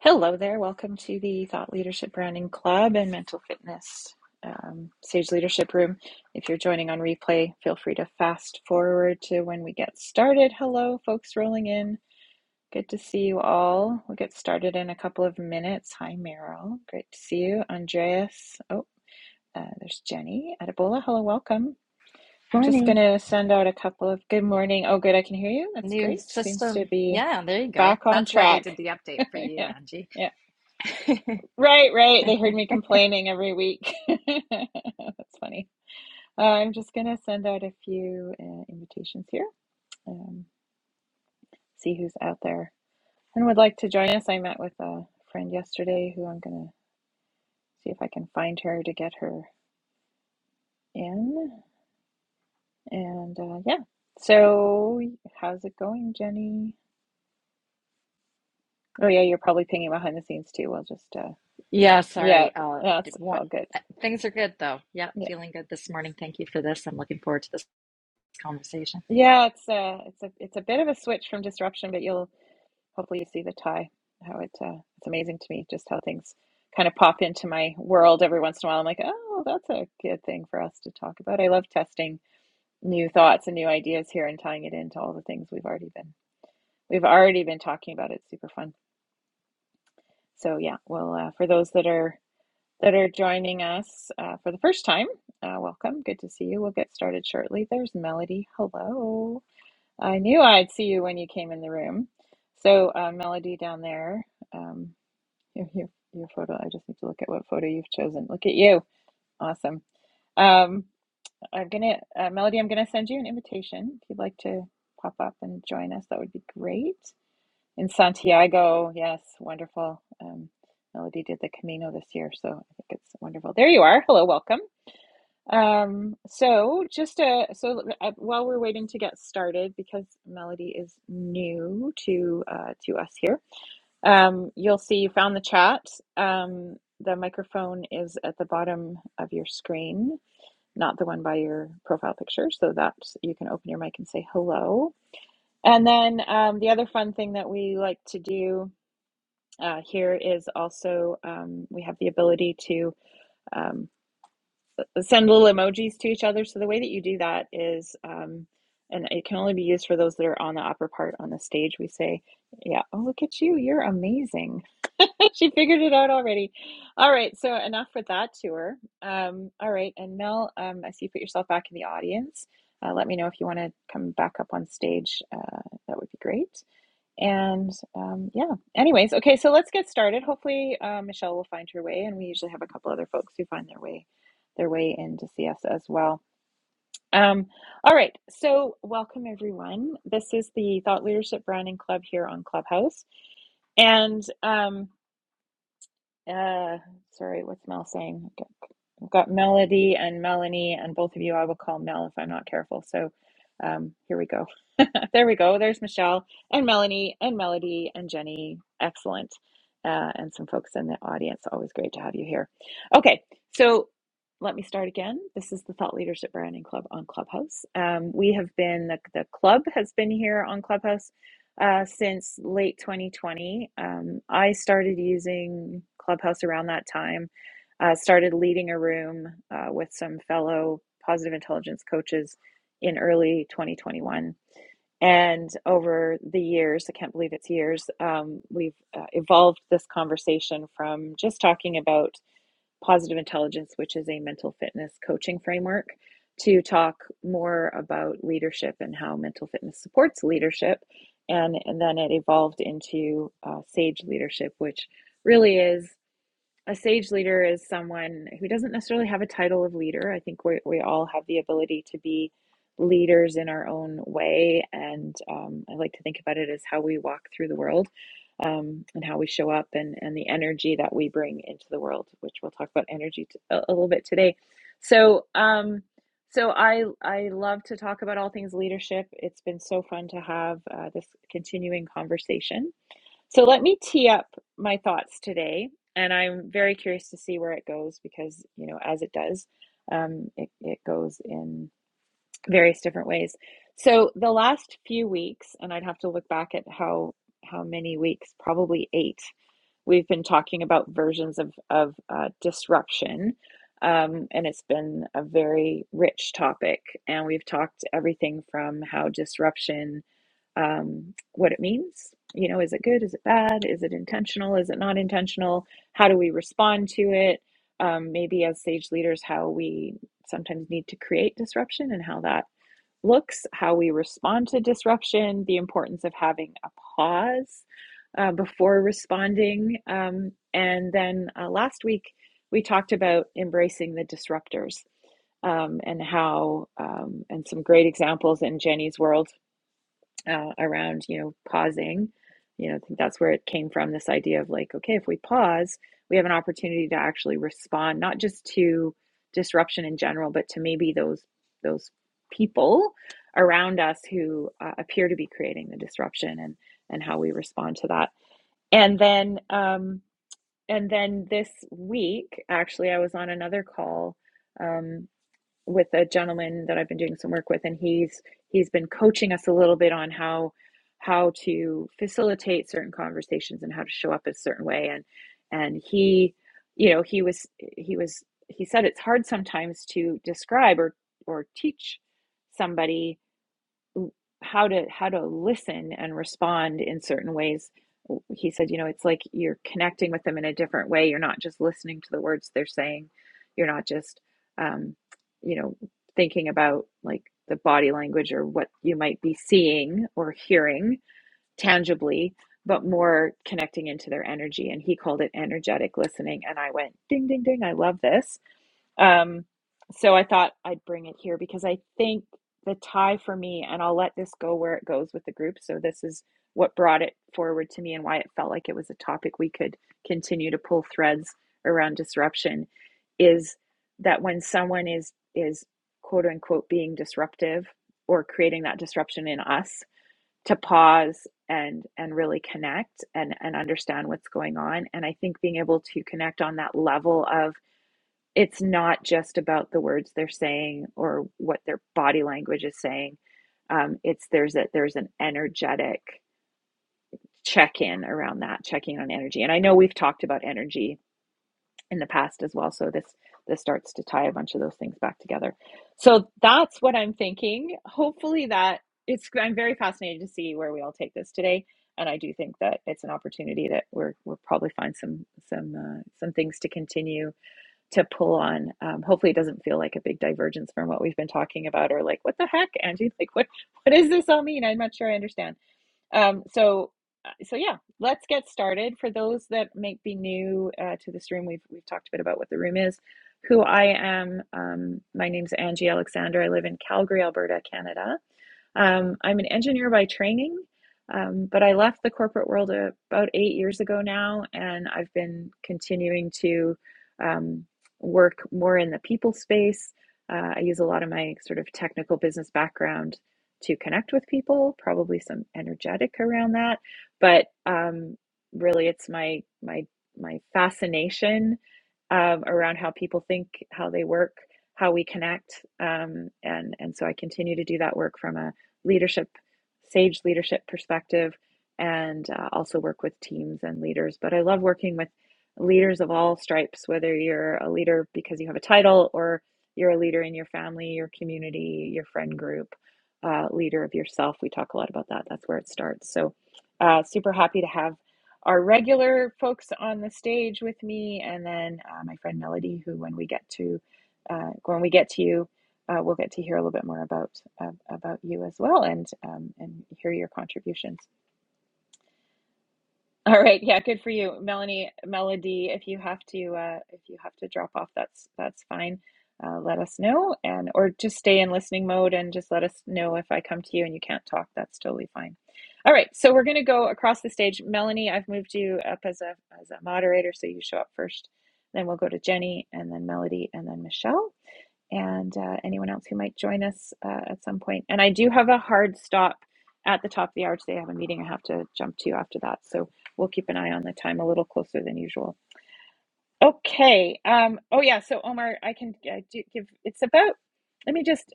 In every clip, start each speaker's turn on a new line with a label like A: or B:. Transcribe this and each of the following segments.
A: Hello there. Welcome to the Thought Leadership Branding Club and Mental Fitness um, Sage Leadership Room. If you're joining on replay, feel free to fast forward to when we get started. Hello, folks rolling in. Good to see you all. We'll get started in a couple of minutes. Hi, Meryl. Great to see you. Andreas. Oh, uh, there's Jenny. Adebola. Hello, welcome. Just going
B: Morning.
A: to send out a couple of good morning. Oh, good. I can hear you. That's
B: New
A: great. Seems to
B: system.
A: be
B: Yeah, there you go.
A: back on
B: That's why they did
A: track.
B: the update for you,
A: yeah.
B: Angie.
A: Yeah. Right, right. They heard me complaining every week. That's funny. Uh, I'm just going to send out a few uh, invitations here and see who's out there and would like to join us. I met with a friend yesterday who I'm going to see if I can find her to get her in. And uh, yeah. So, how's it going, Jenny? Oh, yeah, you're probably pinging behind the scenes too. We'll just, uh,
B: Yeah,
A: yeah,
B: sorry. Uh, d-
A: that's
B: wa-
A: all good.
B: Uh, Things are good though. Yeah,
A: Yeah.
B: feeling good this morning. Thank you for this. I'm looking forward to this conversation.
A: Yeah, it's uh it's a it's a bit of a switch from disruption, but you'll hopefully you see the tie how it uh, it's amazing to me just how things kind of pop into my world every once in a while i'm like oh that's a good thing for us to talk about i love testing new thoughts and new ideas here and tying it into all the things we've already been we've already been talking about it's super fun so yeah well uh, for those that are that are joining us uh, for the first time uh, welcome good to see you we'll get started shortly there's melody hello i knew i'd see you when you came in the room so uh, melody down there um, Here, here, your photo. I just need to look at what photo you've chosen. Look at you. Awesome. Um, I'm gonna, uh, Melody, I'm gonna send you an invitation. If you'd like to pop up and join us, that would be great. In Santiago, yes, wonderful. Um, Melody did the Camino this year, so I think it's wonderful. There you are. Hello, welcome. Um, so just uh, so uh, while we're waiting to get started, because Melody is new to uh, to us here. Um, you'll see you found the chat. Um, the microphone is at the bottom of your screen, not the one by your profile picture, so that you can open your mic and say hello. And then um, the other fun thing that we like to do uh, here is also um, we have the ability to um, send little emojis to each other. So the way that you do that is, um, and it can only be used for those that are on the upper part on the stage, we say, yeah, oh, look at you, you're amazing she figured it out already. All right, so enough with that tour. Um, all right, and Mel, um, I see you put yourself back in the audience. Uh, let me know if you want to come back up on stage. Uh, that would be great. And um, yeah, anyways, okay, so let's get started. Hopefully, uh, Michelle will find her way, and we usually have a couple other folks who find their way their way in to see us as well. Um, all right, so welcome everyone. This is the Thought Leadership Branding Club here on Clubhouse, and um, uh, sorry, what's Mel saying? Okay. I've got Melody and Melanie, and both of you I will call Mel if I'm not careful. So um, here we go. there we go. There's Michelle and Melanie and Melody and Jenny. Excellent. Uh, and some folks in the audience. Always great to have you here. Okay, so let me start again. This is the Thought Leadership Branding Club on Clubhouse. Um, we have been, the, the club has been here on Clubhouse uh, since late 2020. Um, I started using Clubhouse around that time uh, started leading a room uh, with some fellow positive intelligence coaches in early 2021. And over the years, I can't believe it's years, um, we've uh, evolved this conversation from just talking about positive intelligence, which is a mental fitness coaching framework, to talk more about leadership and how mental fitness supports leadership. And, and then it evolved into uh, SAGE leadership, which really is a sage leader is someone who doesn't necessarily have a title of leader. I think we, we all have the ability to be leaders in our own way. And um, I like to think about it as how we walk through the world um, and how we show up and, and the energy that we bring into the world, which we'll talk about energy t- a a little bit today. So, um, so I, I love to talk about all things leadership. It's been so fun to have uh, this continuing conversation. So let me tee up my thoughts today, and I'm very curious to see where it goes because, you know, as it does, um, it, it goes in various different ways. So the last few weeks, and I'd have to look back at how how many weeks, probably eight, We've been talking about versions of of uh, disruption, um, and it's been a very rich topic. And we've talked everything from how disruption, um, what it means. You know, is it good? Is it bad? Is it intentional? Is it not intentional? How do we respond to it? Um, maybe as sage leaders, how we sometimes need to create disruption and how that looks, how we respond to disruption, the importance of having a pause uh, before responding. Um, and then uh, last week, we talked about embracing the disruptors um, and how, um, and some great examples in Jenny's world uh, around you know pausing you know i think that's where it came from this idea of like okay if we pause we have an opportunity to actually respond not just to disruption in general but to maybe those those people around us who uh, appear to be creating the disruption and and how we respond to that and then um and then this week actually i was on another call um, with a gentleman that I've been doing some work with, and he's he's been coaching us a little bit on how how to facilitate certain conversations and how to show up a certain way. And and he, you know, he was he was he said it's hard sometimes to describe or or teach somebody how to how to listen and respond in certain ways he said you know it's like you're connecting with them in a different way you're not just listening to the words they're saying you're not just um, you know thinking about like the body language or what you might be seeing or hearing tangibly but more connecting into their energy and he called it energetic listening and i went ding ding ding i love this um, so I thought I'd bring it here because I think the tie for me, and I'll let this go where it goes with the group. So this is what brought it forward to me and why it felt like it was a topic we could continue to pull threads around disruption is that when someone is is quote unquote being disruptive or creating that disruption in us to pause and and really connect and and understand what's going on and i think being able to connect on that level of it's not just about the words they're saying or what their body language is saying. Um, it's there's a there's an energetic check in around that, checking on energy. And I know we've talked about energy in the past as well, so this this starts to tie a bunch of those things back together. So that's what I'm thinking. Hopefully that it's I'm very fascinated to see where we all take this today. And I do think that it's an opportunity that we're we'll probably find some some uh, some things to continue to pull on. Um, hopefully, it doesn't feel like a big divergence from what we've been talking about, or like, what the heck, Angie? Like, what what does this all mean? I'm not sure I understand. Um, so, uh, so yeah, let's get started. For those that may be new uh, to this room, we've we've talked a bit about what the room is, who I am. Um, my name's Angie Alexander. I live in Calgary, Alberta, Canada. Um, I'm an engineer by training, um, but I left the corporate world a, about eight years ago now, and I've been continuing to um, work more in the people space. Uh, I use a lot of my sort of technical business background to connect with people, probably some energetic around that, but um, really, it's my my my fascination um, around how people think, how they work, how we connect, um, and and so I continue to do that work from a leadership, sage leadership perspective, and uh, also work with teams and leaders. But I love working with leaders of all stripes, whether you're a leader because you have a title or you're a leader in your family, your community, your friend group, uh, leader of yourself. We talk a lot about that. That's where it starts. So, uh, super happy to have our regular folks on the stage with me, and then uh, my friend Melody, who when we get to uh, when we get to you, uh, we'll get to hear a little bit more about uh, about you as well, and um, and hear your contributions. All right, yeah, good for you, Melanie, Melody. If you have to, uh, if you have to drop off, that's that's fine. Uh, let us know, and or just stay in listening mode and just let us know if I come to you and you can't talk. That's totally fine. All right, so we're going to go across the stage. Melanie, I've moved you up as a as a moderator, so you show up first. Then we'll go to Jenny, and then Melody, and then Michelle and uh, anyone else who might join us uh, at some point. And I do have a hard stop at the top of the hour today. I have a meeting I have to jump to after that. So we'll keep an eye on the time a little closer than usual. Okay. Um, oh, yeah. So, Omar, I can uh, do, give it's about, let me just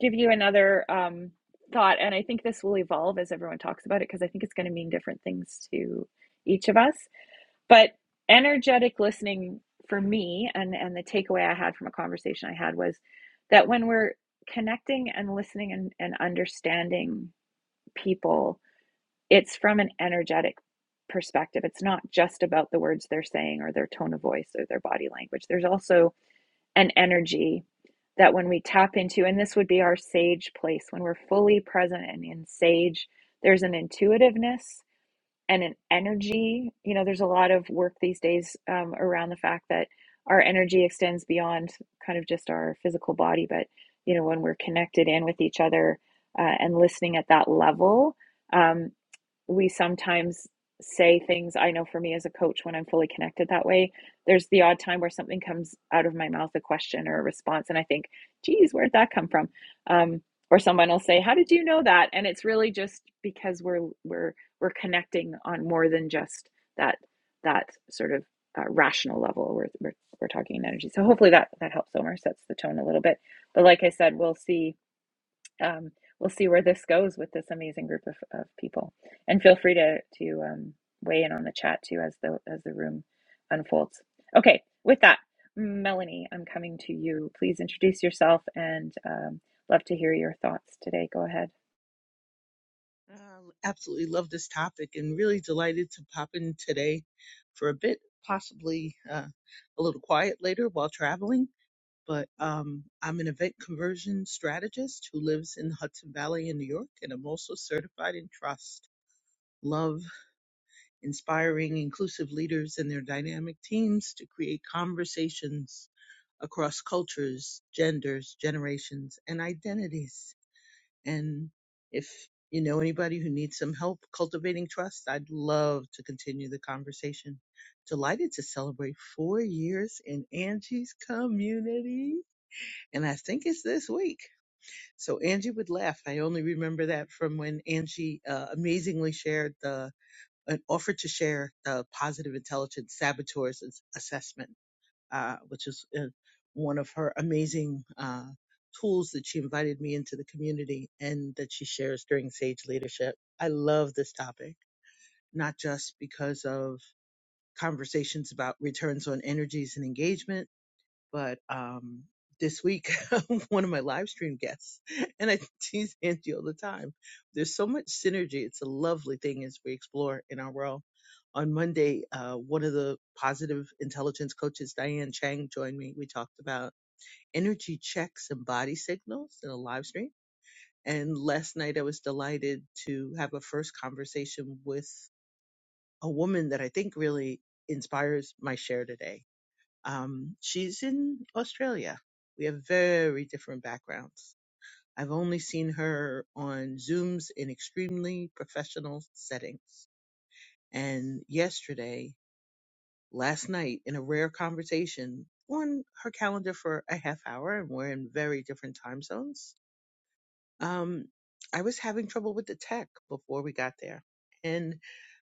A: give you another um, thought. And I think this will evolve as everyone talks about it because I think it's going to mean different things to each of us but energetic listening for me and and the takeaway i had from a conversation i had was that when we're connecting and listening and, and understanding people it's from an energetic perspective it's not just about the words they're saying or their tone of voice or their body language there's also an energy that when we tap into and this would be our sage place when we're fully present and in sage there's an intuitiveness and an energy. You know, there's a lot of work these days um, around the fact that our energy extends beyond kind of just our physical body, but you know, when we're connected in with each other uh, and listening at that level. Um, we sometimes say things i know for me as a coach when i'm fully connected that way there's the odd time where something comes out of my mouth a question or a response and i think geez where'd that come from um, or someone will say how did you know that and it's really just because we're we're we're connecting on more than just that that sort of uh, rational level we're, we're we're talking in energy so hopefully that that helps omer sets the tone a little bit but like i said we'll see um, we'll see where this goes with this amazing group of, of people. And feel free to to um, weigh in on the chat too as the as the room unfolds. Okay, with that, Melanie, I'm coming to you. Please introduce yourself and um, love to hear your thoughts today. Go ahead.
C: Uh, absolutely love this topic and really delighted to pop in today for a bit, possibly uh, a little quiet later while traveling. But um, I'm an event conversion strategist who lives in the Hudson Valley in New York, and I'm also certified in trust. Love inspiring inclusive leaders and their dynamic teams to create conversations across cultures, genders, generations, and identities and if you know anybody who needs some help cultivating trust, I'd love to continue the conversation. Delighted to celebrate four years in Angie's community. And I think it's this week. So Angie would laugh. I only remember that from when Angie uh, amazingly shared the, an offered to share the positive intelligence saboteurs Ass- assessment uh, which is uh, one of her amazing uh, tools that she invited me into the community and that she shares during Sage Leadership. I love this topic, not just because of conversations about returns on energies and engagement but um this week one of my live stream guests and i tease angie all the time there's so much synergy it's a lovely thing as we explore in our world on monday uh, one of the positive intelligence coaches diane chang joined me we talked about energy checks and body signals in a live stream and last night i was delighted to have a first conversation with a woman that i think really inspires my share today um, she's in Australia. We have very different backgrounds. I've only seen her on Zooms in extremely professional settings. And yesterday, last night, in a rare conversation on her calendar for a half hour, and we're in very different time zones, um, I was having trouble with the tech before we got there. and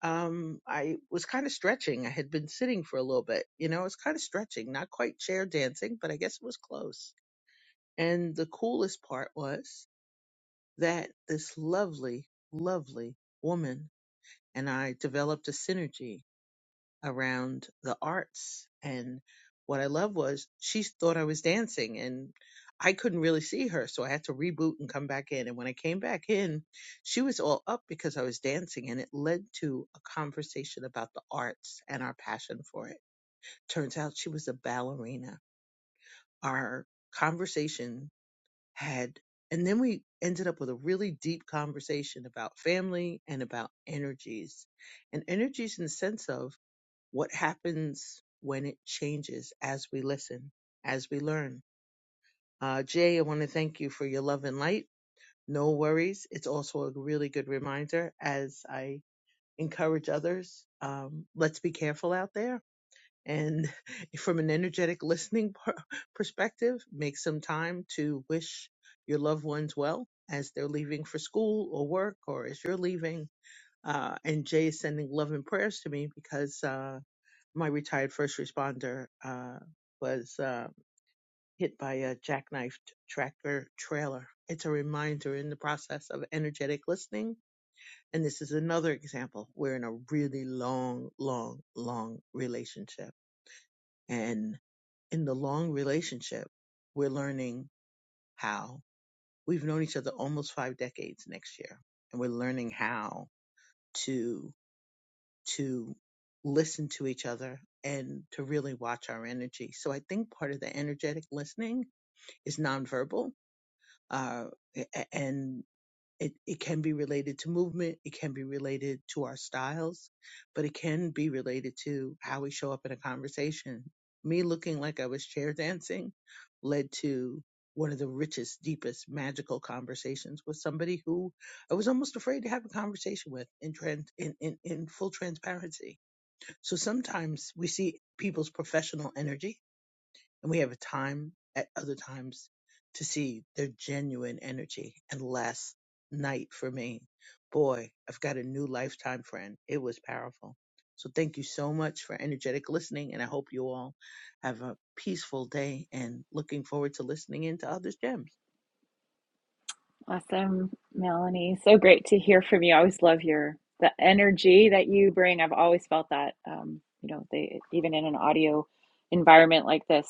C: um, I was kind of stretching. I had been sitting for a little bit. You know, I was kind of stretching, not quite chair dancing, but I guess it was close. And the coolest part was that this lovely, lovely woman and I developed a synergy around the arts. And what I loved was she thought I was dancing and I couldn't really see her. So I had to reboot and come back in. And when I came back in, she was all up because I was dancing and it led to a conversation about the arts and our passion for it. Turns out she was a ballerina. Our conversation had, and then we ended up with a really deep conversation about family and about energies and energies in the sense of what happens when it changes as we listen, as we learn. Uh, Jay, I want to thank you for your love and light. No worries. It's also a really good reminder as I encourage others. Um, let's be careful out there. And from an energetic listening per- perspective, make some time to wish your loved ones well as they're leaving for school or work or as you're leaving. Uh, and Jay is sending love and prayers to me because, uh, my retired first responder uh, was uh, hit by a jackknifed tractor trailer. It's a reminder in the process of energetic listening. And this is another example. We're in a really long, long, long relationship. And in the long relationship, we're learning how we've known each other almost five decades next year. And we're learning how to to listen to each other and to really watch our energy. So I think part of the energetic listening is nonverbal, uh, and it, it can be related to movement, it can be related to our styles, but it can be related to how we show up in a conversation. Me looking like I was chair dancing led to one of the richest, deepest, magical conversations with somebody who I was almost afraid to have a conversation with in trans in, in, in full transparency so sometimes we see people's professional energy and we have a time at other times to see their genuine energy. And last night for me, boy, I've got a new lifetime friend. It was powerful. So thank you so much for energetic listening. And I hope you all have a peaceful day and looking forward to listening into others' gems.
A: Awesome, Melanie. So great to hear from you. I always love your the energy that you bring. I've always felt that, um, you know, they, even in an audio environment like this,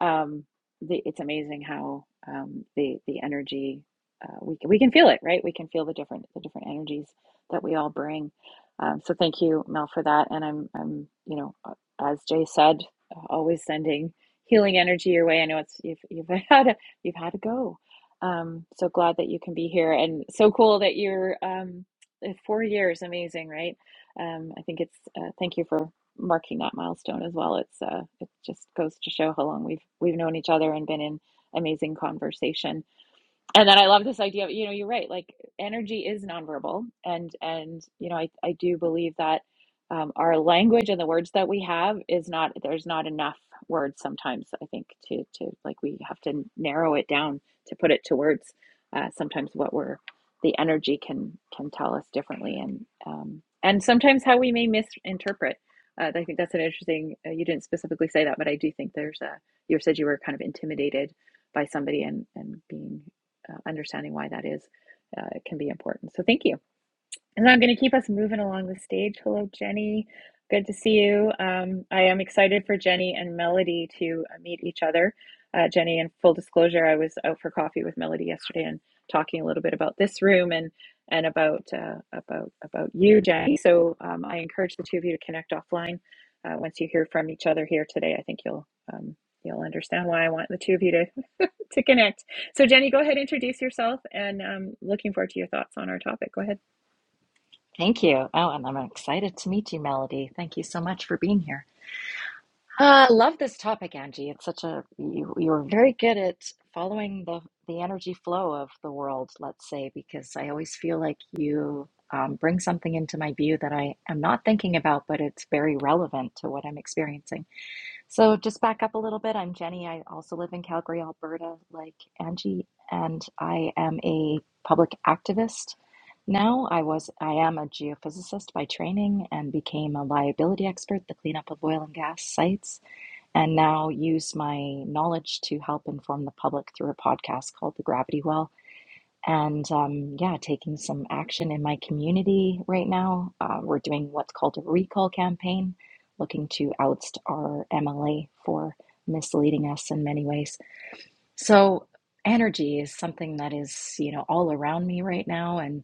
A: um, the, it's amazing how um, the the energy uh, we we can feel it, right? We can feel the different the different energies that we all bring. Um, so thank you, Mel, for that. And I'm I'm you know, uh, as Jay said, uh, always sending healing energy your way. I know it's you've you've had a, you've had to go. Um, so glad that you can be here and so cool that you're um, uh, four years, amazing, right? Um, I think it's uh, thank you for marking that milestone as well. It's uh, it just goes to show how long we've we've known each other and been in amazing conversation and then I love this idea of, you know, you're right, like energy is nonverbal. And, and, you know, I, I do believe that um, our language and the words that we have is not, there's not enough words sometimes, I think, to, to like, we have to narrow it down to put it to words. Uh, sometimes what we're, the energy can, can tell us differently. And, um, and sometimes how we may misinterpret. Uh, I think that's an interesting, uh, you didn't specifically say that, but I do think there's a, you said you were kind of intimidated by somebody and and being uh, understanding why that is uh, can be important. So thank you. And I'm going to keep us moving along the stage. Hello, Jenny. Good to see you. Um, I am excited for Jenny and Melody to uh, meet each other. Uh, Jenny, in full disclosure, I was out for coffee with Melody yesterday and talking a little bit about this room and and about uh, about about you, Jenny. So um, I encourage the two of you to connect offline. Uh, once you hear from each other here today, I think you'll um, you'll understand why I want the two of you to to connect. So, Jenny, go ahead, introduce yourself, and um, looking forward to your thoughts on our topic. Go ahead.
B: Thank you. Oh, and I'm excited to meet you, Melody. Thank you so much for being here. Uh, love this topic, Angie. It's such a you you're very good at following the the energy flow of the world, let's say, because I always feel like you um, bring something into my view that I am not thinking about, but it's very relevant to what I'm experiencing. So just back up a little bit. I'm Jenny. I also live in Calgary, Alberta, like Angie, and I am a public activist. Now, I was I am a geophysicist by training and became a liability expert, the cleanup of oil and gas sites and now use my knowledge to help inform the public through a podcast called The Gravity Well. And um, yeah, taking some action in my community right now. Uh, we're doing what's called a recall campaign, looking to oust our MLA for misleading us in many ways. So, energy is something that is, you know, all around me right now. And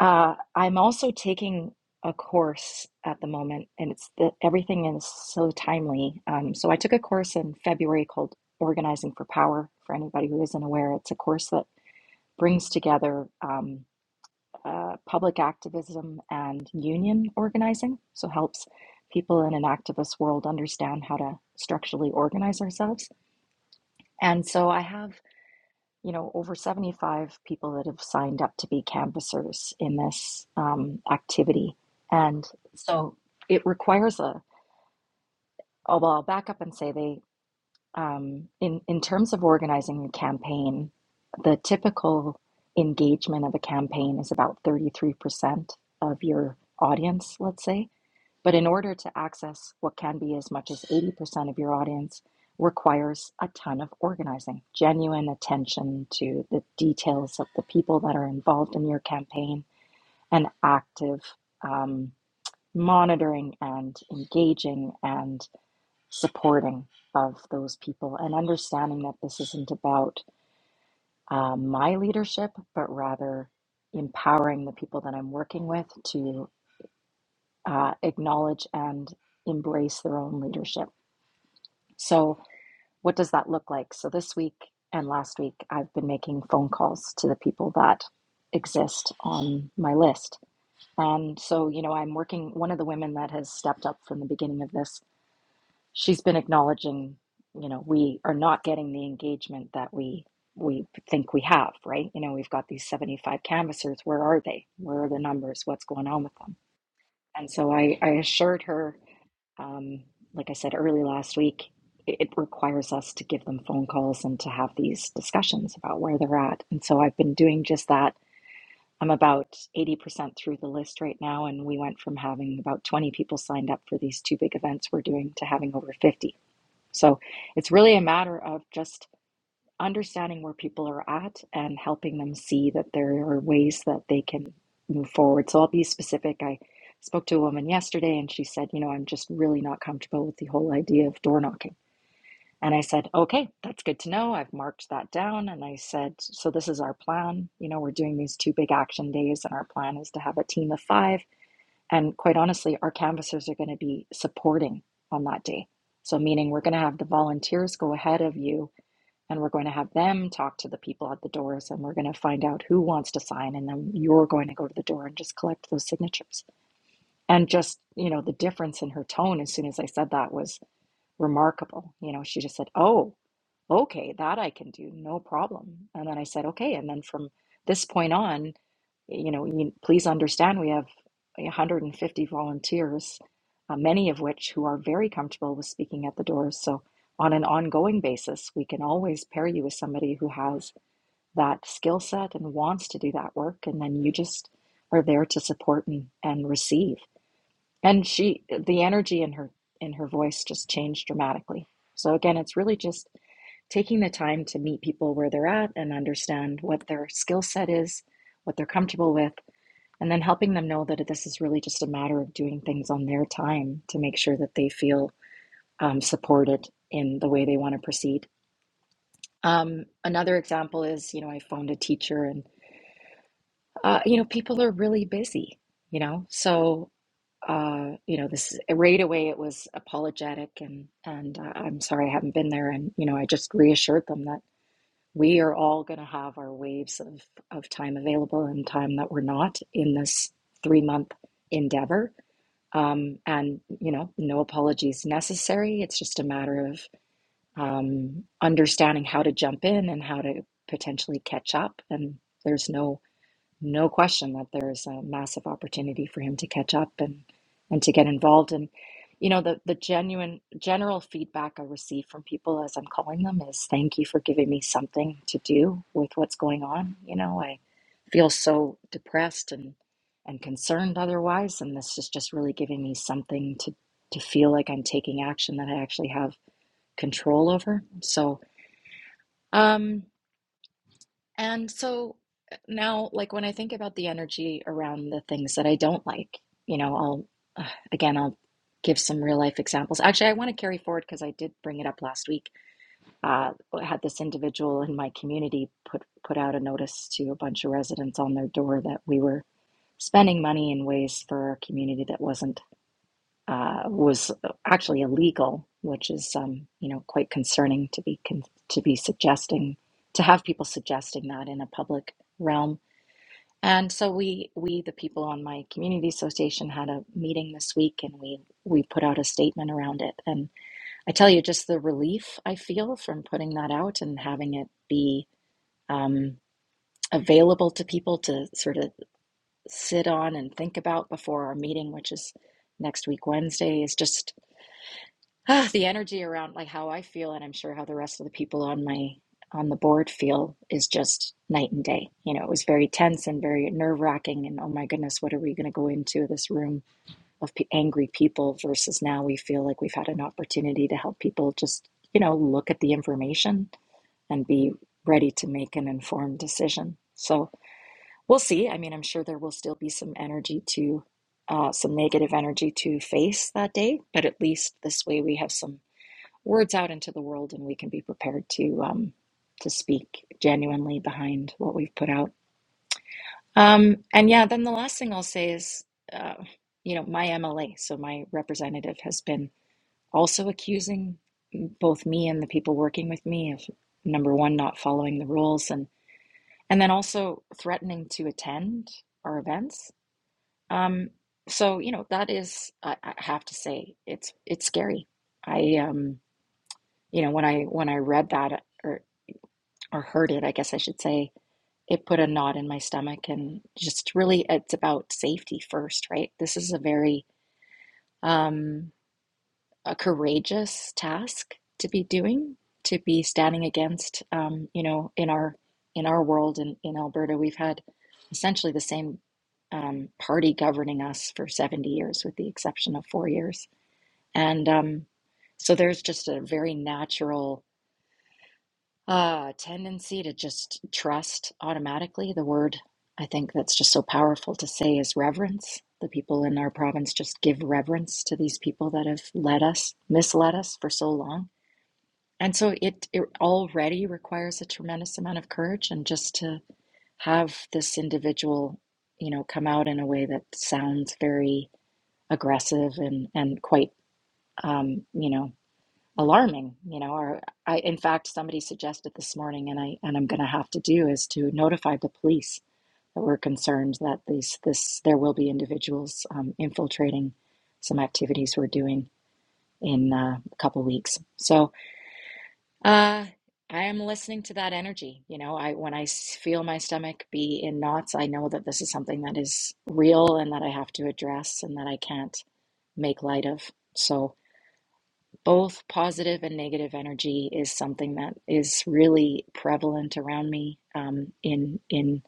B: uh, I'm also taking a course at the moment, and it's the, everything is so timely. Um, so I took a course in February called Organizing for Power. For anybody who isn't aware, it's a course that brings together um, uh, public activism and union organizing. So helps people in an activist world understand how to structurally organize ourselves. And so I have you know, over 75 people that have signed up to be canvassers in this um, activity. And so it requires a, although I'll back up and say they, um, in, in terms of organizing a campaign, the typical engagement of a campaign is about 33% of your audience, let's say. But in order to access what can be as much as 80% of your audience requires a ton of organizing, genuine attention to the details of the people that are involved in your campaign, and active um, monitoring and engaging and supporting of those people, and understanding that this isn't about uh, my leadership, but rather empowering the people that I'm working with to uh, acknowledge and embrace their own leadership So, what does that look like? So, this week and last week, I've been making phone calls to the people that exist on my list. And so, you know, I'm working, one of the women that has stepped up from the beginning of this, she's been acknowledging, you know, we are not getting the engagement that we we think we have, right? You know, we've got these 75 canvassers. Where are they? Where are the numbers? What's going on with them? And so I, I assured her um, like I said early last week, it, it requires us to give them phone calls and to have these discussions about where they're at. And so I've been doing just that. I'm about 80% through the list right now, and we went from having about 20 people signed up for these two big events we're doing to having over 50. So it's really a matter of just understanding where people are at and helping them see that there are ways that they can move forward. So I'll be specific. I spoke to a woman yesterday and she said, You know, I'm just really not comfortable with the whole idea of door knocking. And I said, Okay, that's good to know. I've marked that down. And I said, So this is our plan. You know, we're doing these two big action days, and our plan is to have a team of five. And quite honestly, our canvassers are going to be supporting on that day. So, meaning we're going to have the volunteers go ahead of you and we're going to have them talk to the people at the doors and we're going to find out who wants to sign and then you're going to go to the door and just collect those signatures and just you know the difference in her tone as soon as i said that was remarkable you know she just said oh Okay, that I can do, no problem. And then I said, okay. And then from this point on, you know, you, please understand we have 150 volunteers, uh, many of which who are very comfortable with speaking at the doors. So on an ongoing basis, we can always pair you with somebody who has that skill set and wants to do that work. And then you just are there to support and, and receive and she the energy in her in her voice just changed dramatically so again it's really just taking the time to meet people where they're at and understand what their skill set is what they're comfortable with and then helping them know that this is really just a matter of doing things on their time to make sure that they feel um, supported in the way they want to proceed um, another example is you know i phoned a teacher and uh, you know people are really busy you know so uh, you know, this right away it was apologetic and and uh, I'm sorry I haven't been there and you know I just reassured them that we are all going to have our waves of of time available and time that we're not in this three month endeavor um, and you know no apologies necessary it's just a matter of um, understanding how to jump in and how to potentially catch up and there's no no question that there is a massive opportunity for him to catch up and and to get involved and you know the the genuine general feedback i receive from people as i'm calling them is thank you for giving me something to do with what's going on you know i feel so depressed and and concerned otherwise and this is just really giving me something to to feel like i'm taking action that i actually have control over so um, and so uh, now, like when I think about the energy around the things that I don't like, you know, I'll uh, again, I'll give some real life examples. Actually, I want to carry forward because I did bring it up last week. Uh, I had this individual in my community put put out a notice to a bunch of residents on their door that we were spending money in ways for our community that wasn't uh, was actually illegal, which is um, you know quite concerning to be con- to be suggesting to have people suggesting that in a public realm. And so we we the people on my community association had a meeting this week, and we we put out a statement around it. And I tell you, just the relief I feel from putting that out and having it be. Um, available to people to sort of sit on and think about before our meeting which is next week Wednesday is just ah, the energy around like how I feel, and I'm sure how the rest of the people on my on the board feel is just night and day. You know, it was very tense and very nerve wracking, and oh my goodness, what are we going to go into this room of p- angry people versus now we feel like we've had an opportunity to help people just you know look at the information and be ready to make an informed decision. So we'll see. I mean, I'm sure there will still be some energy to. Uh, some negative energy to face that day, but at least this way we have some words out into the world and we can be prepared to um, to speak genuinely behind what we've put out. Um, and yeah, then the last thing I'll say is, uh, you know, my MLA, so my representative has been also accusing both me and the people working with me of number one, not following the rules, and and then also threatening to attend our events. Um, so you know, that is, I, I have to say, it's it's scary. I um, you know, when I when I read that. or or heard it, I guess I should say, it put a knot in my stomach. And just really, it's about safety first, right? This is a very um, a courageous task to be doing, to be standing against. Um, you know, in our in our world in, in Alberta, we've had essentially the same um, party governing us for 70 years, with the exception of four years. And um, so there's just a very natural Uh, tendency to just trust automatically. The word I think that's just so powerful to say is reverence. The people in our province just give reverence to these people that have led us, misled us for so long. And so it, it already requires a tremendous amount of courage and just to have this individual, you know, come out in a way that sounds very aggressive and, and quite, um, you know, alarming you know or i in fact somebody suggested this morning and i and i'm going to have to do is to notify the police that we're concerned that these this there will be individuals um, infiltrating some activities we're doing in uh, a couple weeks so uh i am listening to that energy you know i when i s- feel my stomach be in knots i know that this is something that is real and that i have to address and that i can't make light of so both positive and negative energy is something that is really prevalent around me um, in in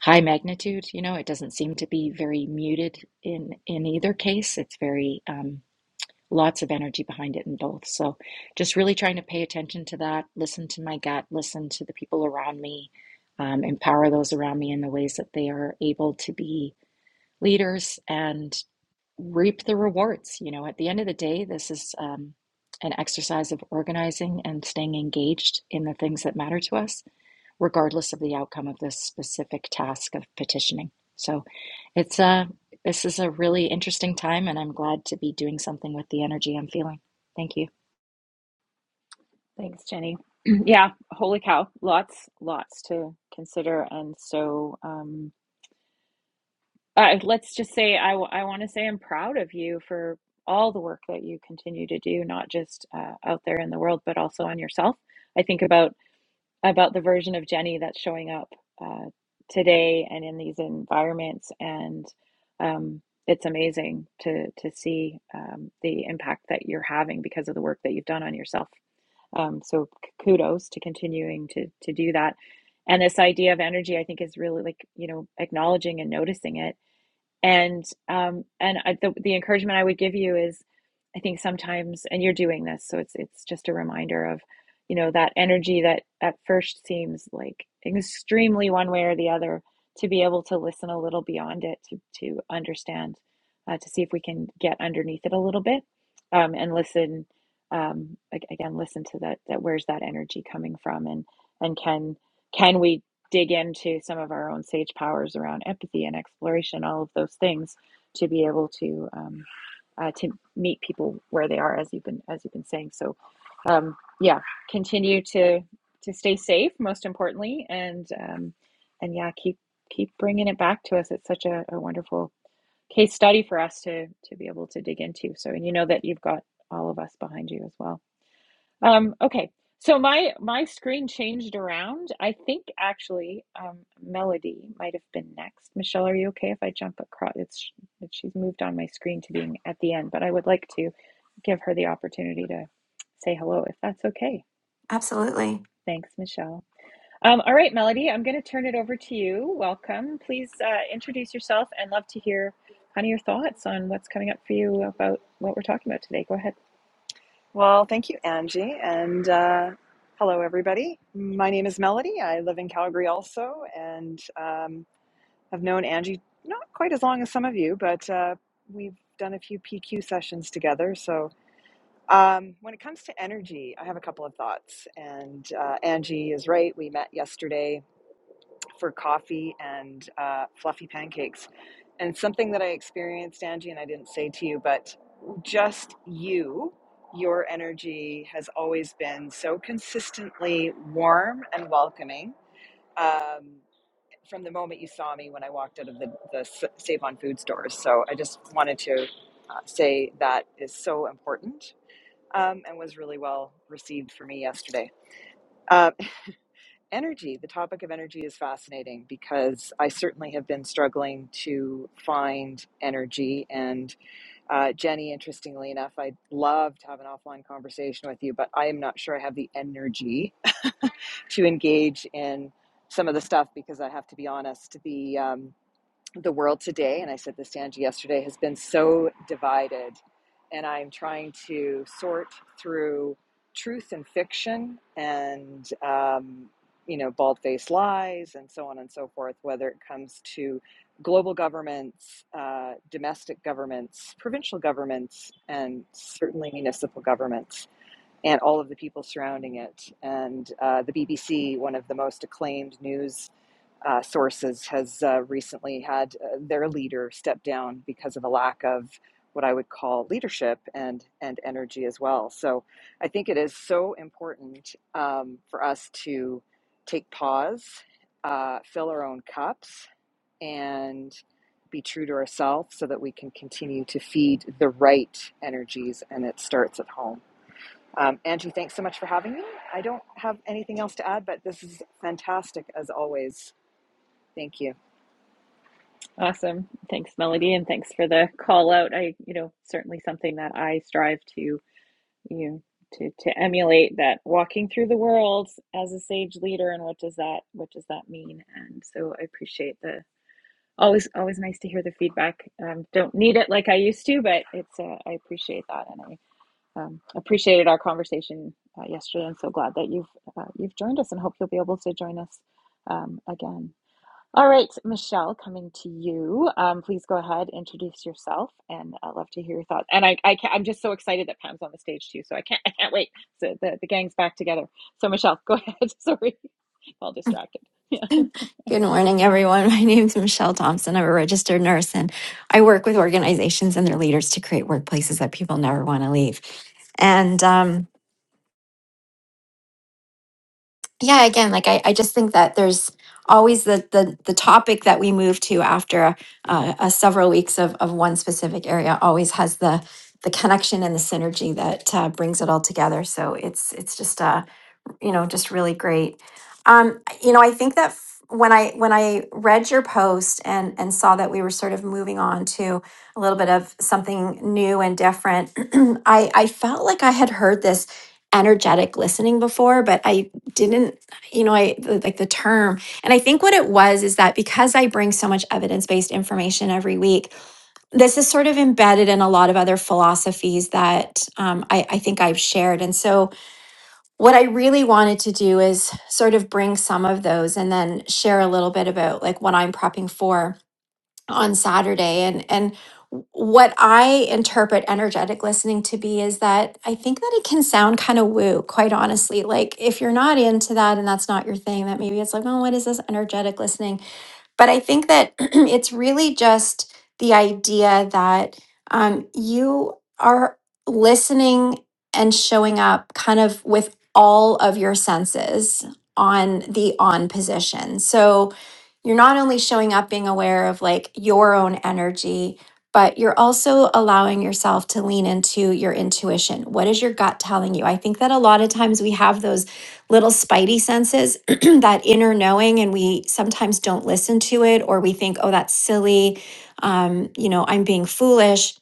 B: high magnitude. You know, it doesn't seem to be very muted in in either case. It's very um, lots of energy behind it in both. So, just really trying to pay attention to that, listen to my gut, listen to the people around me, um, empower those around me in the ways that they are able to be leaders and reap the rewards. You know, at the end of the day, this is um, an exercise of organizing and staying engaged in the things that matter to us, regardless of the outcome of this specific task of petitioning. So it's a this is a really interesting time, and I'm glad to be doing something with the energy I'm feeling. Thank you.
A: Thanks, Jenny. Yeah, holy cow. Lots, lots to consider. And so, um, uh, let's just say I, w- I want to say I'm proud of you for all the work that you continue to do, not just uh, out there in the world, but also on yourself. I think about about the version of Jenny that's showing up uh, today and in these environments, and um, it's amazing to to see um, the impact that you're having because of the work that you've done on yourself. Um, so kudos to continuing to to do that. And this idea of energy, I think, is really like you know acknowledging and noticing it and um, and I, the the encouragement I would give you is, I think sometimes, and you're doing this, so it's it's just a reminder of, you know, that energy that at first seems like extremely one way or the other. To be able to listen a little beyond it, to to understand, uh, to see if we can get underneath it a little bit, um, and listen. Um, ag- again, listen to that. That where's that energy coming from, and and can can we dig into some of our own sage powers around empathy and exploration, all of those things, to be able to um, uh, to meet people where they are, as you've been as you've been saying. So, um, yeah, continue to to stay safe, most importantly, and um, and yeah, keep keep bringing it back to us. It's such a, a wonderful case study for us to to be able to dig into. So, and you know that you've got all of us behind you as well. Um, okay, so my my screen changed around. I think actually, um, Melody might have been next. Michelle, are you okay if I jump across? It's she's moved on my screen to being at the end, but I would like to give her the opportunity to say hello if that's okay.
D: Absolutely.
A: Thanks, Michelle. Um, all right, Melody, I'm going to turn it over to you. Welcome. Please uh, introduce yourself and love to hear kind of your thoughts on what's coming up for you about what we're talking about today. Go ahead.
E: Well, thank you, Angie, and uh, hello, everybody. My name is Melody. I live in Calgary also, and um, have known Angie not quite as long as some of you, but uh, we've done a few PQ sessions together. So, um, when it comes to energy, I have a couple of thoughts. And uh, Angie is right. We met yesterday for coffee and uh, fluffy pancakes. And something that I experienced, Angie, and I didn't say to you, but just you, your energy has always been so consistently warm and welcoming um, from the moment you saw me when I walked out of the, the S- Save on Food stores. So I just wanted to uh, say that is so important um, and was really well received for me yesterday. Uh, energy, the topic of energy is fascinating because I certainly have been struggling to find energy and uh, Jenny, interestingly enough, I'd love to have an offline conversation with you, but I am not sure I have the energy to engage in some of the stuff because I have to be honest. The um, the world today, and I said this to Angie yesterday, has been so divided. And I'm trying to sort through truth and fiction and, um, you know, bald faced lies and so on and so forth, whether it comes to global governments, uh, domestic governments, provincial governments, and certainly municipal governments, and all of the people surrounding it. And uh, the BBC, one of the most acclaimed news uh, sources has uh, recently had uh, their leader step down because of a lack of what I would call leadership and and energy as well. So I think it is so important um, for us to take pause, uh, fill our own cups, and be true to ourselves so that we can continue to feed the right energies, and it starts at home. Um, Angie, thanks so much for having me. I don't have anything else to add, but this is fantastic as always. Thank you.
A: Awesome. Thanks, Melody, and thanks for the call out. I, you know, certainly something that I strive to, you know, to to emulate that walking through the world as a sage leader and what does that what does that mean? And so I appreciate the always always nice to hear the feedback. Um, don't need it like I used to, but it's uh, I appreciate that and I um, appreciated our conversation uh, yesterday. I'm so glad that you've uh, you've joined us and hope you'll be able to join us um, again. All right, Michelle, coming to you. Um, please go ahead, introduce yourself, and I'd love to hear your thoughts. And I, I can I'm just so excited that Pam's on the stage too, so I can't, I can't wait. So the, the gang's back together. So Michelle, go ahead. Sorry, all distracted. Yeah.
D: Good morning, everyone. My name is Michelle Thompson. I'm a registered nurse, and I work with organizations and their leaders to create workplaces that people never want to leave. And um, yeah, again, like I, I just think that there's always the the, the topic that we move to after a, a, a several weeks of, of one specific area always has the the connection and the synergy that uh, brings it all together. So it's it's just a you know just really great um you know i think that f- when i when i read your post and and saw that we were sort of moving on to a little bit of something new and different i i felt like i had heard this energetic listening before but i didn't you know i the- like the term and i think what it was is that because i bring so much evidence-based information every week this is sort of embedded in a lot of other philosophies that um, I, I think i've shared and so what I really wanted to do is sort of bring some of those and then share a little bit about like what I'm prepping for on Saturday and and what I interpret energetic listening to be is that I think that it can sound kind of woo, quite honestly. Like if you're not into that and that's not your thing, that maybe it's like, oh, what is this energetic listening? But I think that it's really just the idea that um, you are listening and showing up kind of with all of your senses on the on position. So you're not only showing up being aware of like your own energy, but you're also allowing yourself to lean into your intuition. What is your gut telling you? I think that a lot of times we have those little spidey senses, that inner knowing, and we sometimes don't listen to it or we think, oh, that's silly. Um, you know, I'm being foolish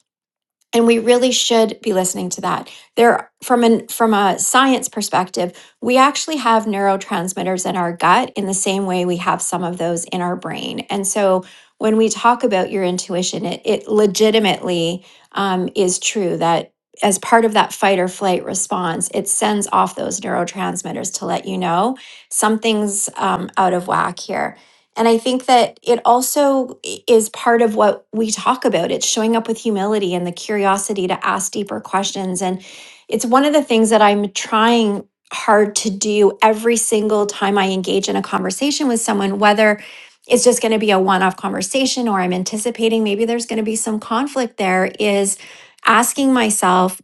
D: and we really should be listening to that there from an from a science perspective we actually have neurotransmitters in our gut in the same way we have some of those in our brain and so when we talk about your intuition it, it legitimately um, is true that as part of that fight or flight response it sends off those neurotransmitters to let you know something's um, out of whack here and I think that it also i- is part of what we talk about. It's showing up with humility and the curiosity to ask deeper questions. And it's one of the things that I'm trying hard to do every single time I engage in a conversation with someone, whether it's just going to be a one off conversation or I'm anticipating maybe there's going to be some conflict there, is asking myself,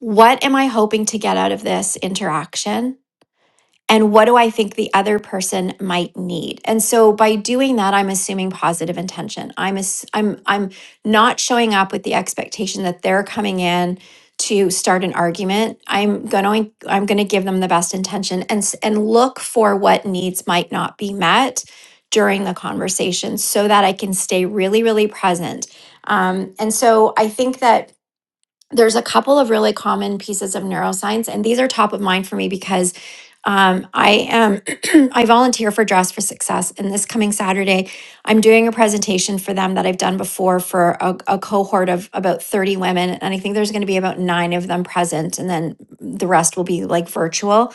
D: what am I hoping to get out of this interaction? and what do I think the other person might need? And so by doing that, I'm assuming positive intention. I'm ass- I'm I'm not showing up with the expectation that they're coming in to start an argument. I'm going to I'm going to give them the best intention and s- and look for what needs might not be met during the conversation so that I can stay really really present. Um, and so I think that there's a couple of really common pieces of neuroscience, and these are top of mind for me because um, I am I volunteer for Dress for Success, and this coming Saturday, I'm doing a presentation for them that I've done before for a, a cohort of about 30 women, and I think there's going to be about nine of them present, and then the rest will be like virtual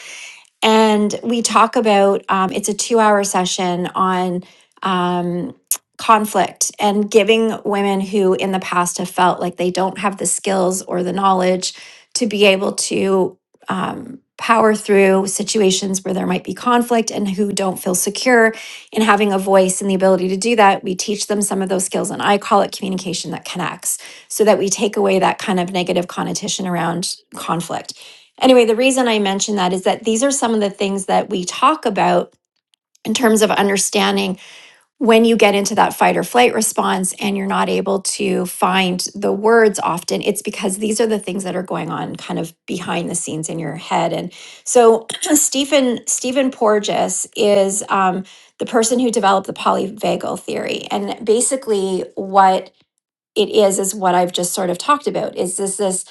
D: and we talk about um, it's a two hour session on um, conflict and giving women who in the past have felt like they don't have the skills or the knowledge to be able to um, power through situations where there might be conflict and who don't feel secure in having a voice and the ability to do that we teach them some of those skills and i call it communication that connects so that we take away that kind of negative connotation around conflict Anyway, the reason I mention that is that these are some of the things that we talk about in terms of understanding when you get into that fight or flight response and you're not able to find the words often. It's because these are the things that are going on kind of behind the scenes in your head. And so Stephen Stephen Porges is um, the person who developed the polyvagal theory, and basically what it is is what i've just sort of talked about is this this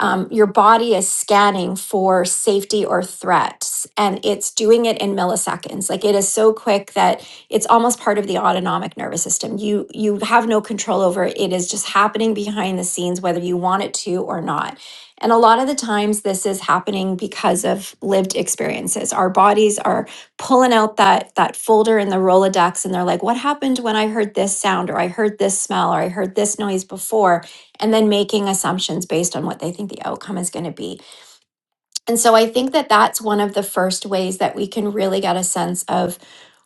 D: um, your body is scanning for safety or threats and it's doing it in milliseconds like it is so quick that it's almost part of the autonomic nervous system you you have no control over it it is just happening behind the scenes whether you want it to or not and a lot of the times this is happening because of lived experiences our bodies are pulling out that that folder in the Rolodex and they're like, what happened when I heard this sound or I heard this smell or I heard this noise before? And then making assumptions based on what they think the outcome is going to be. And so I think that that's one of the first ways that we can really get a sense of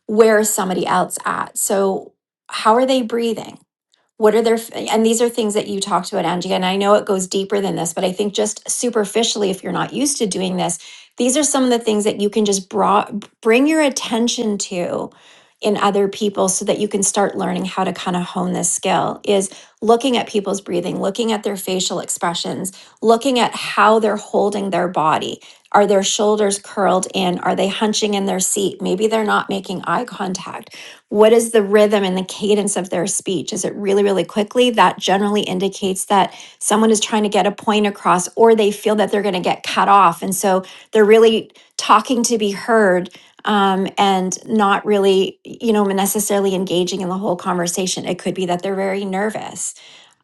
D: where is somebody else at. So how are they breathing? What are their, and these are things that you talked about, Angie, and I know it goes deeper than this, but I think just superficially, if you're not used to doing this, these are some of the things that you can just bra- bring your attention to in other people so that you can start learning how to kind of hone this skill is looking at people's breathing, looking at their facial expressions, looking at how they're holding their body. Are their shoulders curled in? Are they hunching in their seat? Maybe they're not making eye contact. What is the rhythm and the cadence of their speech? Is it really, really quickly? That generally indicates that someone is trying to get a point across or they feel that they're going to get cut off. And so they're really talking to be heard um, and not really, you know, necessarily engaging in the whole conversation. It could be that they're very nervous.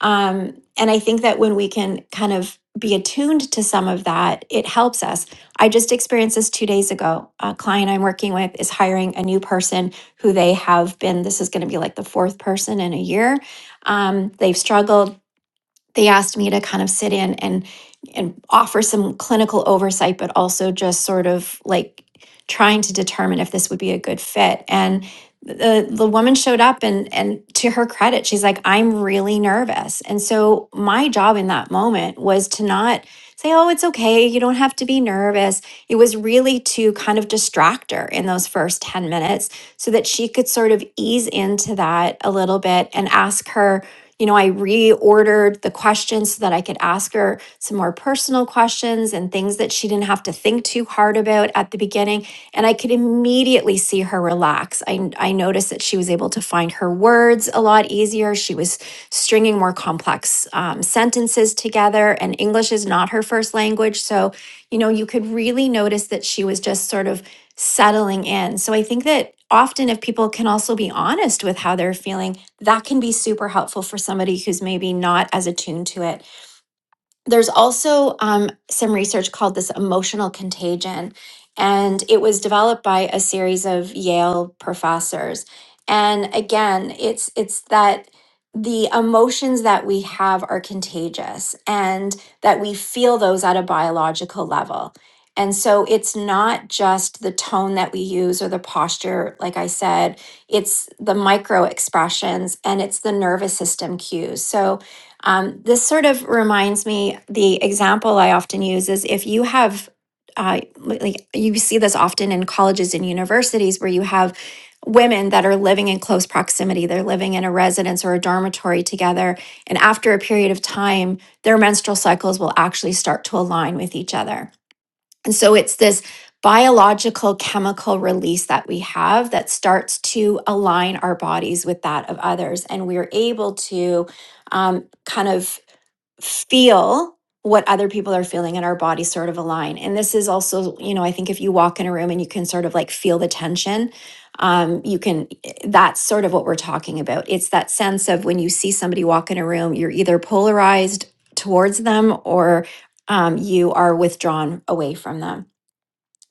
D: Um, and I think that when we can kind of be attuned to some of that, it helps us. I just experienced this two days ago. A client I'm working with is hiring a new person who they have been. This is going to be like the fourth person in a year. Um, they've struggled they asked me to kind of sit in and and offer some clinical oversight but also just sort of like trying to determine if this would be a good fit and the the woman showed up and and to her credit she's like I'm really nervous and so my job in that moment was to not say oh it's okay you don't have to be nervous it was really to kind of distract her in those first 10 minutes so that she could sort of ease into that a little bit and ask her you know, I reordered the questions so that I could ask her some more personal questions and things that she didn't have to think too hard about at the beginning. And I could immediately see her relax. I, I noticed that she was able to find her words a lot easier. She was stringing more complex um, sentences together, and English is not her first language. So, you know, you could really notice that she was just sort of settling in. So I think that often if people can also be honest with how they're feeling, that can be super helpful for somebody who's maybe not as attuned to it there's also um, some research called this emotional contagion, and it was developed by a series of Yale professors. And again, it's it's that the emotions that we have are contagious, and that we feel those at a biological level. And so it's not just the tone that we use or the posture, like I said, it's the micro expressions and it's the nervous system cues. So, um, this sort of reminds me the example I often use is if you have, uh, like you see this often in colleges and universities where you have women that are living in close proximity. They're living in a residence or a dormitory together. And after a period of time, their menstrual cycles will actually start to align with each other. And so it's this biological chemical release that we have that starts to align our bodies with that of others. And we're able to um, kind of feel what other people are feeling and our bodies sort of align and this is also you know i think if you walk in a room and you can sort of like feel the tension um you can eh, that's sort of what we're talking about it's that sense of when you see somebody walk in a room you're either polarized towards them or um, you are withdrawn away from them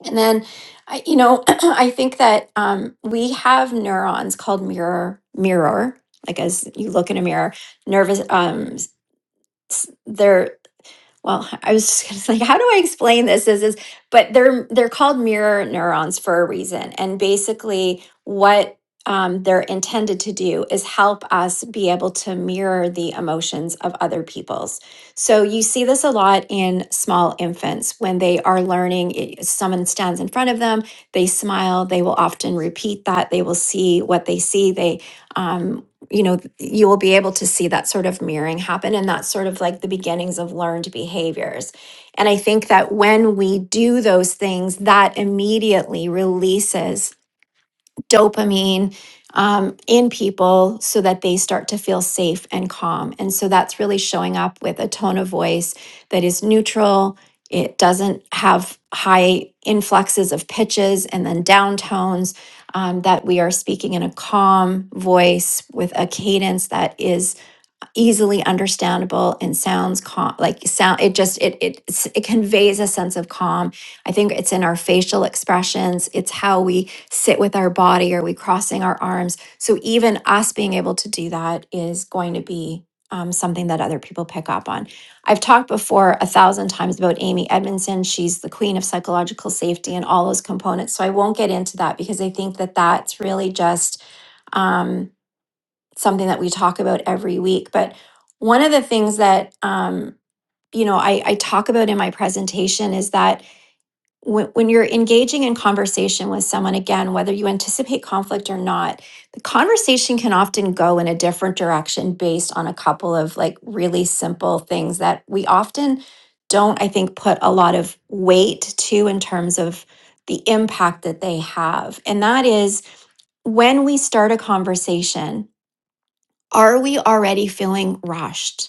D: and then i you know i think that um we have neurons called mirror mirror like as you look in a mirror nervous um s- they're well, I was just gonna say, how do I explain this? Is is but they're they're called mirror neurons for a reason, and basically what um, they're intended to do is help us be able to mirror the emotions of other people's. So you see this a lot in small infants when they are learning. i- Someone stands in front of them, they smile. They will often repeat that. They will see what they see. They um, you know, th- you will be able to see that sort of mirroring happen. And that's sort of like the beginnings of learned behaviors. And I think that when we do those things, that immediately releases dopamine um, in people so that they start to feel safe and calm. And so that's really showing up with a tone of voice that is neutral. It doesn't have high influxes of pitches and then downtones, um, that we are speaking in a calm voice with a cadence that is easily understandable and sounds calm like sound it just it it it conveys a sense of calm i think it's in our facial expressions it's how we sit with our body are we crossing our arms so even us being able to do that is going to be um, something that other people pick up on i've talked before a thousand times about amy edmondson she's the queen of psychological safety and all those components so i won't get into that because i think that that's really just um, something that we talk about every week. But one of the things that um, you know I, I talk about in my presentation is that when, when you're engaging in conversation with someone, again, whether you anticipate conflict or not, the conversation can often go in a different direction based on a couple of like really simple things that we often don't, I think, put a lot of weight to in terms of the impact that they have. And that is when we start a conversation are we already feeling rushed?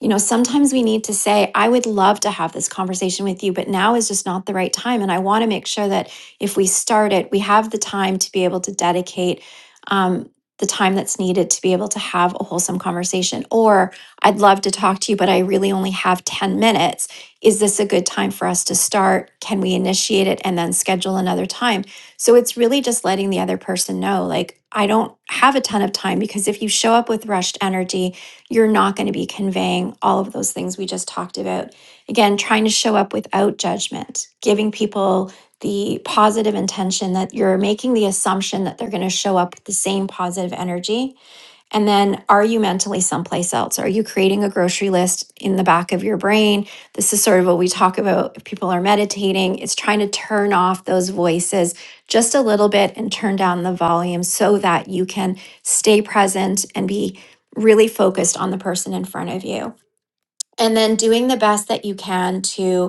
D: You know, sometimes we need to say, I would love to have this conversation with you, but now is just not the right time. And I want to make sure that if we start it, we have the time to be able to dedicate um, the time that's needed to be able to have a wholesome conversation. Or I'd love to talk to you, but I really only have 10 minutes. Is this a good time for us to start? Can we initiate it and then schedule another time? So it's really just letting the other person know, like, I don't have a ton of time because if you show up with rushed energy, you're not going to be conveying all of those things we just talked about. Again, trying to show up without judgment, giving people the positive intention that you're making the assumption that they're going to show up with the same positive energy and then, are you mentally someplace else? Are you creating a grocery list in the back of your brain? This is sort of what we talk about if people are meditating, it's trying to turn off those voices just a little bit and turn down the volume so that you can stay present and be really focused on the person in front of you. And then doing the best that you can to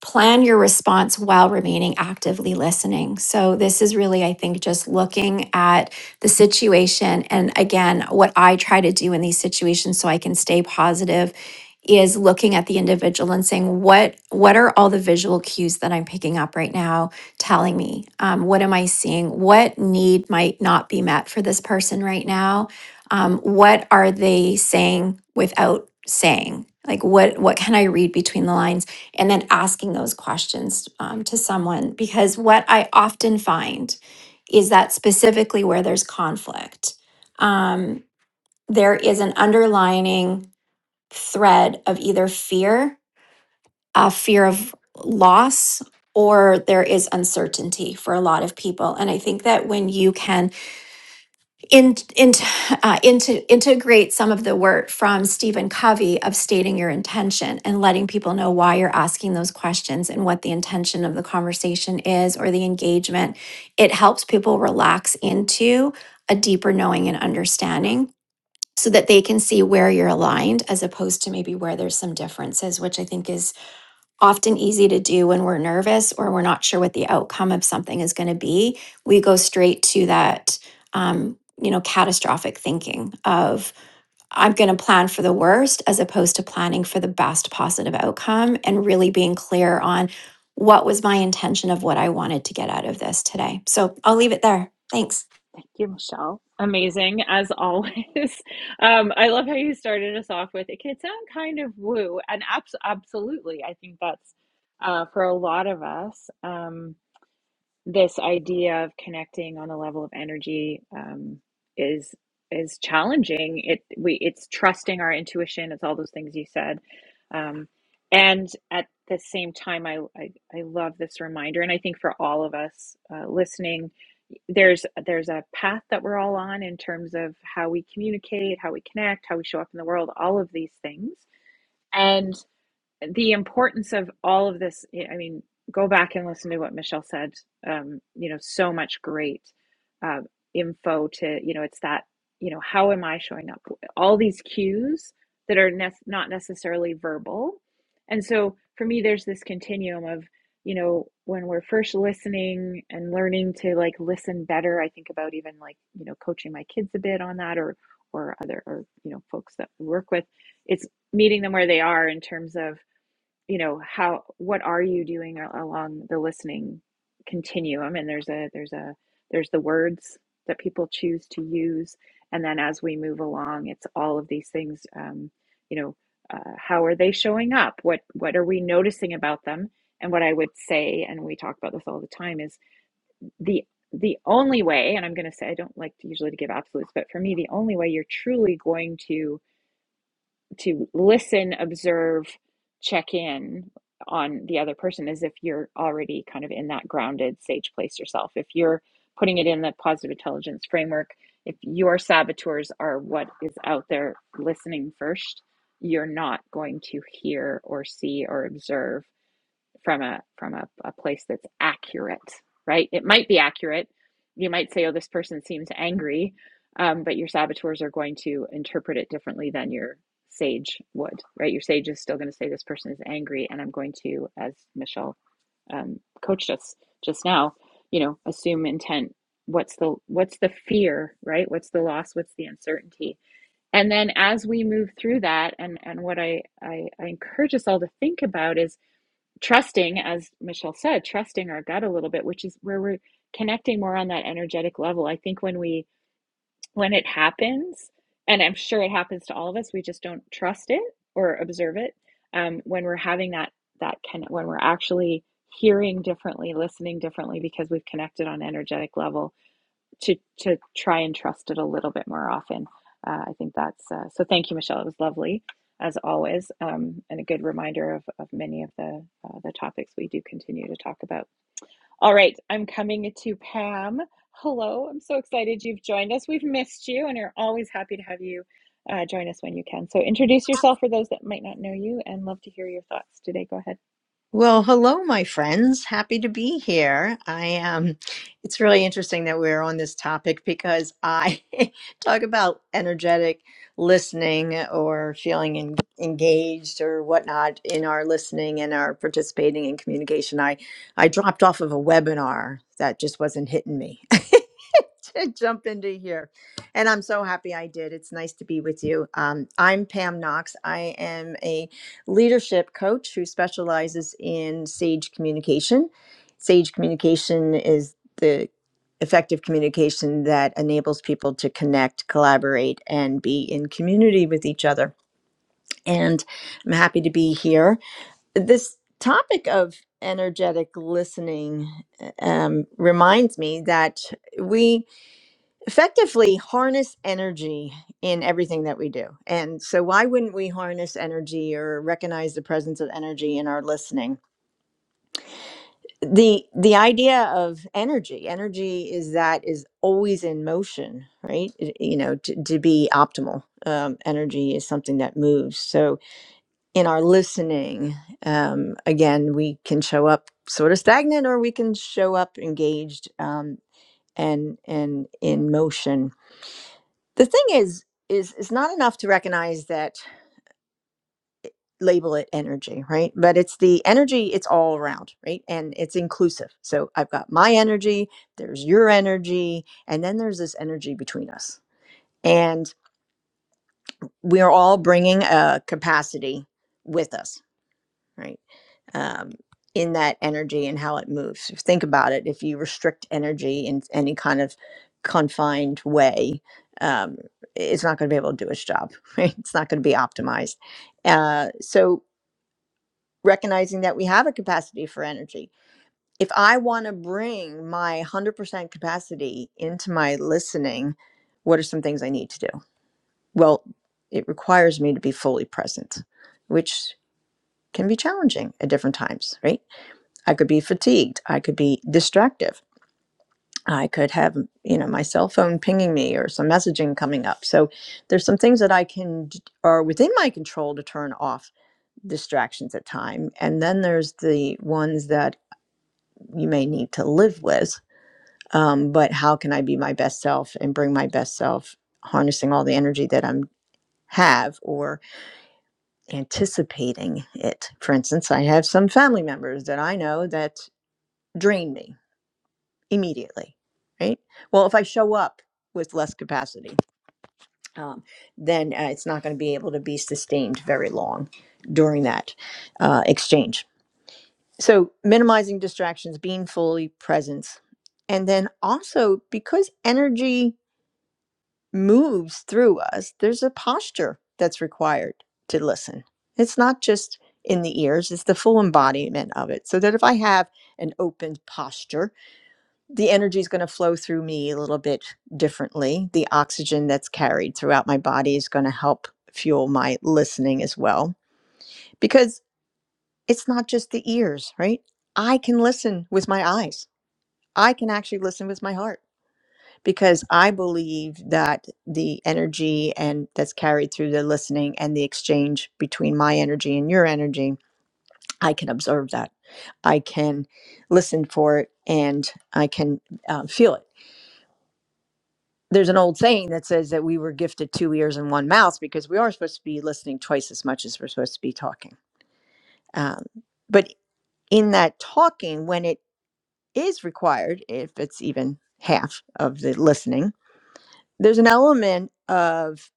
D: plan your response while remaining actively listening. So, this is really, I think, just looking at the situation. And again, what I try to do in these situations so I can stay positive is looking at the individual and saying what what are all the visual cues that i'm picking up right now telling me um, what am i seeing what need might not be met for this person right now um, what are they saying without saying like what what can i read between the lines and then asking those questions um, to someone because what i often find is that specifically where there's conflict um, there is an underlining thread of either fear a fear of loss or there is uncertainty for a lot of people and i think that when you can in, in, uh, into, integrate some of the work from Stephen Covey of stating your intention and letting people know why you're asking those questions and what the intention of the conversation is or the engagement. It helps people relax into a deeper knowing and understanding so that they can see where you're aligned as opposed to maybe where there's some differences, which I think is often easy to do when we're nervous or we're not sure what the outcome of something is going to be. We go straight to that, um, you know, catastrophic thinking of I'm going to plan for the worst as opposed to planning for the best positive outcome and really being clear on what was my intention of what I wanted to get out of this today. So I'll leave it there. Thanks.
A: Thank you, Michelle. Amazing as always. Um, I love how you started us off with it can sound kind of woo, and abs- absolutely, I think that's uh, for a lot of us. Um, this idea of connecting on a level of energy um, is is challenging. It we it's trusting our intuition. It's all those things you said, um, and at the same time, I, I I love this reminder, and I think for all of us uh, listening, there's there's a path that we're all on in terms of how we communicate, how we connect, how we show up in the world, all of these things, and the importance of all of this I mean go back and listen to what michelle said um, you know so much great uh, info to you know it's that you know how am i showing up all these cues that are nec- not necessarily verbal and so for me there's this continuum of you know when we're first listening and learning to like listen better i think about even like you know coaching my kids a bit on that or or other or you know folks that we work with it's meeting them where they are in terms of you know how what are you doing along the listening continuum and there's a there's a there's the words that people choose to use and then as we move along it's all of these things um, you know uh, how are they showing up what what are we noticing about them and what i would say and we talk about this all the time is the the only way and i'm going to say i don't like to usually to give absolutes but for me the only way you're truly going to to listen, observe, check in on the other person as if you're already kind of in that grounded sage place yourself. If you're putting it in the positive intelligence framework, if your saboteurs are what is out there listening first, you're not going to hear or see or observe from a from a, a place that's accurate right it might be accurate you might say oh this person seems angry um, but your saboteurs are going to interpret it differently than your sage would right your sage is still going to say this person is angry and i'm going to as michelle um, coached us just now you know assume intent what's the what's the fear right what's the loss what's the uncertainty and then as we move through that and and what i i, I encourage us all to think about is trusting, as Michelle said, trusting our gut a little bit, which is where we're connecting more on that energetic level. I think when we when it happens, and I'm sure it happens to all of us, we just don't trust it or observe it. Um, when we're having that that can when we're actually hearing differently, listening differently because we've connected on energetic level to to try and trust it a little bit more often. Uh, I think that's uh, so. Thank you, Michelle. It was lovely as always, um, and a good reminder of, of many of the uh, the topics we do continue to talk about. All right, I'm coming to Pam. Hello, I'm so excited you've joined us. We've missed you, and are always happy to have you uh, join us when you can. So introduce yourself for those that might not know you, and love to hear your thoughts today. Go ahead.
F: Well, hello, my friends. Happy to be here. I am. it's really interesting that we're on this topic because I talk about energetic listening or feeling en- engaged or whatnot in our listening and our participating in communication. I I dropped off of a webinar that just wasn't hitting me, to jump into here. And I'm so happy I did. It's nice to be with you. Um, I'm Pam Knox. I am a leadership coach who specializes in SAGE communication. SAGE communication is the effective communication that enables people to connect, collaborate, and be in community with each other. And I'm happy to be here. This topic of energetic listening uh, um, reminds me that we effectively harness energy in everything that we do. And so, why wouldn't we harness energy or recognize the presence of energy in our listening? The the idea of energy, energy is that is always in motion, right? It- you know, to, to be optimal, um, energy is something that moves. So, in our listening, um, again, we can show up sort of stagnant, or we can show up engaged um, and and in motion the thing is is it's not enough to recognize that label it energy right but it's the energy it's all around right and it's inclusive so i've got my energy there's your energy and then there's this energy between us and we are all bringing a capacity with us right um, in that energy and how it moves. Think about it. If you restrict energy in any kind of confined way, um, it's not going to be able to do its job. Right? It's not going to be optimized. Uh, so recognizing that we have a capacity for energy. If I want to bring my 100% capacity into my listening, what are some things I need to do? Well, it requires me to be fully present, which can be challenging at different times, right? I could be fatigued. I could be distractive. I could have, you know, my cell phone pinging me or some messaging coming up. So there's some things that I can d- are within my control to turn off distractions at time. And then there's the ones that you may need to live with. Um, but how can I be my best self and bring my best self, harnessing all the energy that I'm have or anticipating it. For instance, I have some family members that I know that drain me immediately, right? Well, if I show up with less capacity, um, then uh, it's not going to be able to be sustained very long during that uh, exchange. So, minimizing distractions, being fully present. And then also, because energy moves through us, there's a posture that's required to listen. It's not just in the ears, it's the full embodiment of it. So that if I have an open posture, the energy is going to flow through me a little bit differently. The oxygen that's carried throughout my body is going to help fuel my listening as well, because it's not just the ears, right? I can listen with my eyes. I can actually listen with my heart because I believe that the energy and that's carried through the listening and the exchange between my energy and your energy, I can observe that. I can listen for it and I can uh, feel it there's an old saying that says that we were gifted two ears and one mouth because we are supposed to be listening twice as much as we're supposed to be talking. Um, but in that talking, when it is required, if it's even half of the listening, there's an element of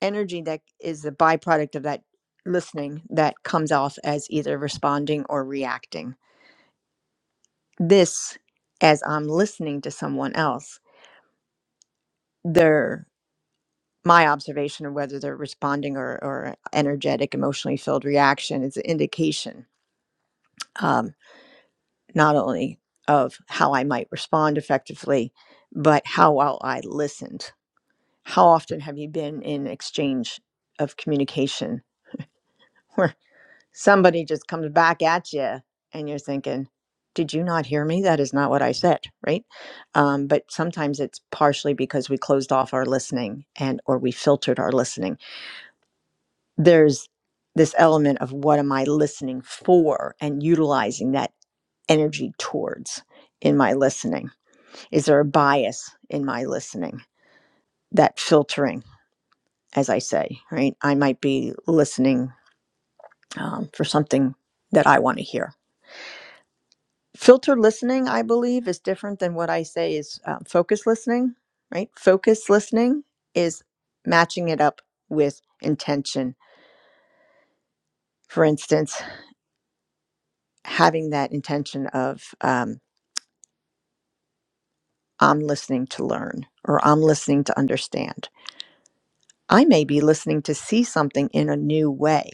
F: energy that is the byproduct of that listening that comes off as either responding or reacting. This, as I'm listening to someone else, their my observation of whether they're responding or, or energetic, emotionally filled reaction is an indication um, not only of how I might respond effectively, but how well I listened. How often have you been in exchange of communication where somebody just comes back at you and you're thinking, did you not hear me? That is not what I said, right? Um, but sometimes it's partially because we closed off our listening and or we filtered our listening there's this element of what am I listening for and utilizing that energy towards in my listening? Is there a bias in my listening? That filtering, as I say, right? I might be listening um, for something that I want to hear. Filtered listening, I believe, is different than what I say is uh, focus listening, right? Focus listening is matching it up with intention. For instance, having that intention of, um, I'm listening to learn or I'm listening to understand. I may be listening to see something in a new way.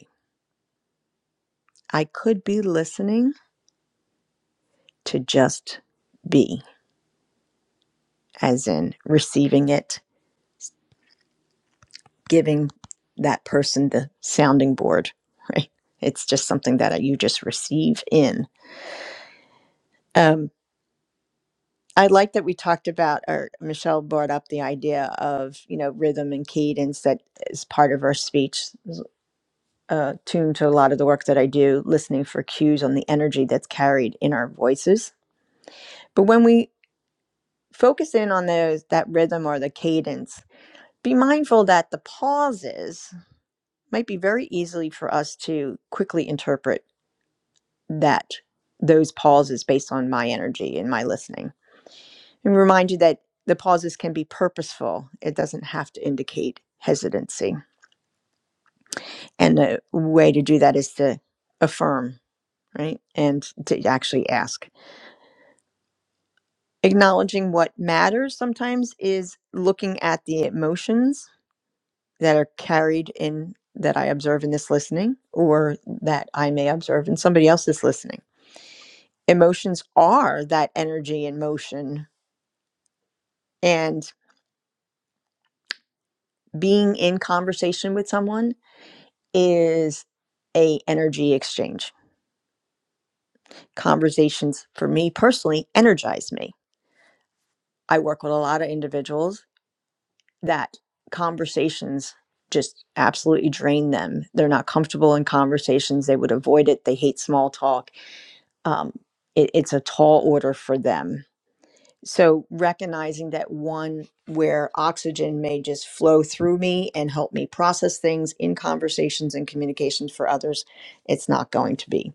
F: I could be listening to just be, as in receiving it, giving that person the sounding board, right? It's just something that uh, you just receive in. Um, I like that we talked about, or Michelle brought up the idea of, you know, rhythm and cadence that is part of our speech. uh, tuned to a lot of the work that I do, listening for cues on the energy that's carried in our voices. But when we focus in on those that rhythm or the cadence, be mindful that the pauses might be very easily for us to quickly interpret that those pauses based on my energy and my listening. And remind you that the pauses can be purposeful. It doesn't have to indicate hesitancy. And the way to do that is to affirm, right? And to actually ask. acknowledging what matters sometimes is looking at the emotions that are carried in that I observe in this listening or that I may observe in somebody else's listening. Emotions are that energy in motion and being in conversation with someone is a energy exchange. Conversations for me personally energize me. I work with a lot of individuals that conversations just absolutely drain them. They're not comfortable in conversations. They would avoid it. They hate small talk. Um, it, it's a tall order for them. So, recognizing that one where oxygen may just flow through me and help me process things in conversations and communications for others, it's not going to be.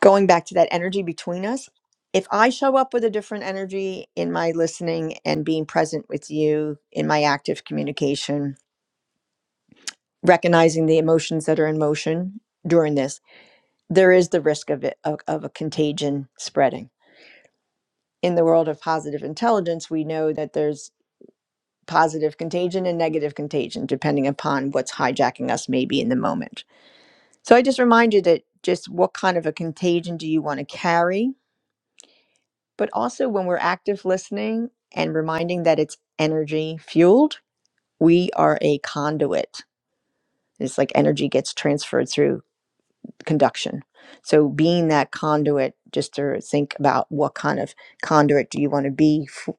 F: Going back to that energy between us, if I show up with a different energy in my listening and being present with you in my active communication, recognizing the emotions that are in motion during this, there is the risk of it of, of a contagion spreading. In the world of positive intelligence, we know that there's positive contagion and negative contagion, depending upon what's hijacking us maybe in the moment. So I just remind you that just what kind of a contagion do you want to carry? But also when we're active listening and reminding that it's energy fueled, we are a conduit. It's like energy gets transferred through conduction. So being that conduit, just to think about what kind of conduit do you want to be, f-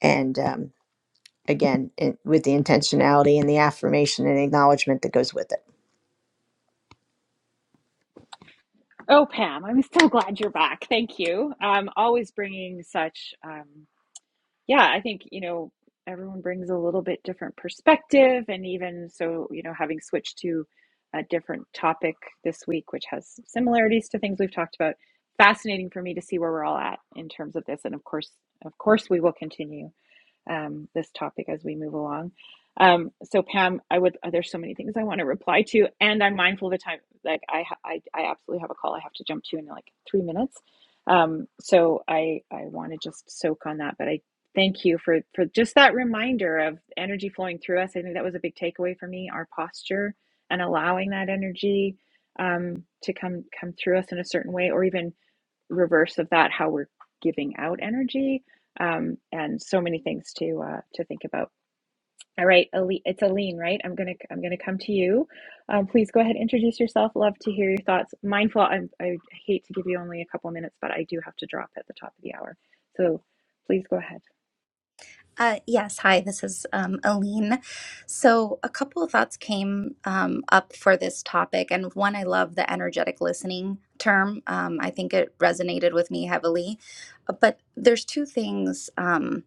F: and um, again, in, with the intentionality and the affirmation and acknowledgement that goes with it.
A: Oh, Pam, I'm so glad you're back. Thank you. Um, always bringing such. Um, yeah, I think, you know, everyone brings a little bit different perspective. And even so, you know, having switched to a different topic this week, which has similarities to things we've talked about, fascinating for me to see where we're all at in terms of this. And of course, of course, we will continue um, this topic as we move along. Um, so Pam, I would uh, there's so many things I want to reply to, and I'm mindful of the time. Like I, I, I absolutely have a call I have to jump to in like three minutes. Um, so I, I want to just soak on that, but I thank you for for just that reminder of energy flowing through us. I think that was a big takeaway for me. Our posture and allowing that energy um, to come come through us in a certain way, or even reverse of that how we're giving out energy um, and so many things to uh, to think about all right aline, it's aline right i'm gonna i'm gonna come to you um, please go ahead introduce yourself love to hear your thoughts mindful I, I hate to give you only a couple minutes but i do have to drop at the top of the hour so please go ahead
G: Uh, yes, hi, this is um, Aline. So, a couple of thoughts came um, up for this topic. And one, I love the energetic listening term. Um, I think it resonated with me heavily. But there's two things. Um,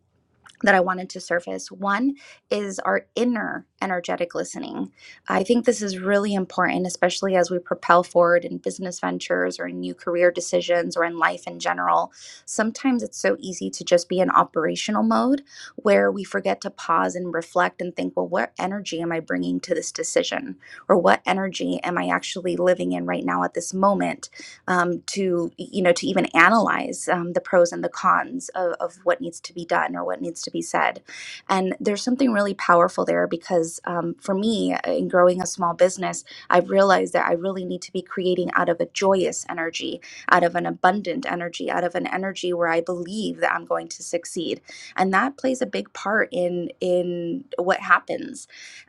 G: that I wanted to surface. One is our inner energetic listening. I think this is really important, especially as we propel forward in business ventures or in new career decisions or in life in general. Sometimes it's so easy to just be in operational mode where we forget to pause and reflect and think, well, what energy am I bringing to this decision? Or what energy am I actually living in right now at this moment? um, to you know to even analyze um, the pros and the cons of, of what needs to be done or what needs to be said and there's something really powerful there because um, for me uh, in growing a small business i've realized that i really need to be creating out of a joyous energy out of an abundant energy out of an energy where i believe that i'm going to succeed and that plays a big part in in what happens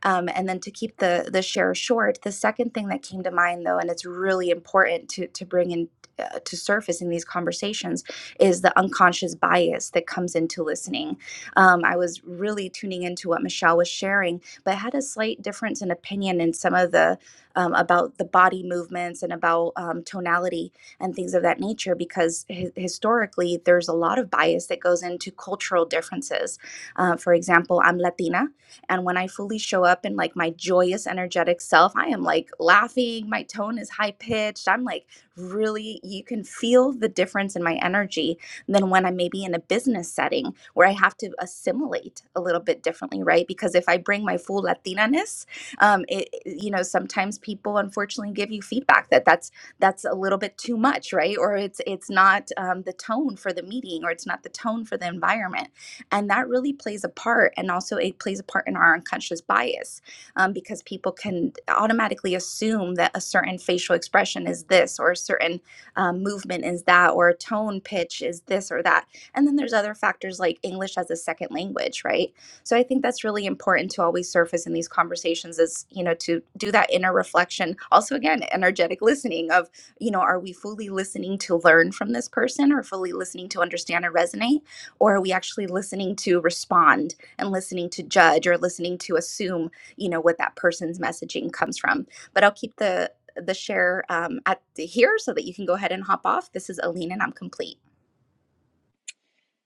G: um, and then to keep the the share short, the second thing that came to mind though, and it's really important to to bring in uh, to surface in these conversations is the unconscious bias that comes into listening. Um, I was really tuning into what Michelle was sharing, but had a slight difference in opinion in some of the um, about the body movements and about um, tonality and things of that nature because hi- historically there's a lot of bias that goes into cultural differences. Uh, for example, I'm Latina, and when I fully show up in like my joyous, energetic self, I am like laughing. My tone is high pitched. I'm like really, you can feel the difference in my energy than when I'm maybe in a business setting where I have to assimilate a little bit differently, right? Because if I bring my full Latina ness, um, it, you know, sometimes people unfortunately give you feedback that that's that's a little bit too much, right? Or it's it's not um, the tone for the meeting, or it's not the tone for the environment. And that really plays a part. And also, it plays a part in our unconscious bias um, because people can automatically assume that a certain facial expression is this, or a certain um, movement is that, or a tone pitch is this or that. And then there's other factors like English as a second language, right? So I think that's really important to always surface in these conversations is, you know, to do that inner reflection. Also, again, energetic listening of, you know, are we fully listening to learn from this person or fully listening to understand and resonate? or are we actually listening to respond and listening to judge or listening to assume you know what that person's messaging comes from but i'll keep the the share um, at the here so that you can go ahead and hop off this is aline and i'm complete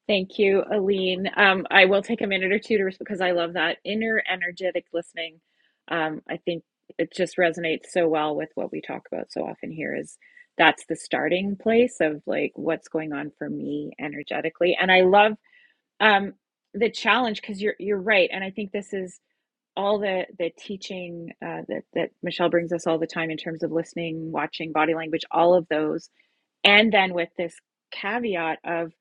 A: Thank you, Aline. Um, I will take a minute or two to because I love that inner energetic listening. Um, I think it just resonates so well with what we talk about so often here is that's the starting place of like what's going on for me energetically. And I love um, the challenge because you're you're right. And I think this is all the the teaching uh, that that Michelle brings us all the time in terms of listening, watching body language, all of those and then with this caveat of,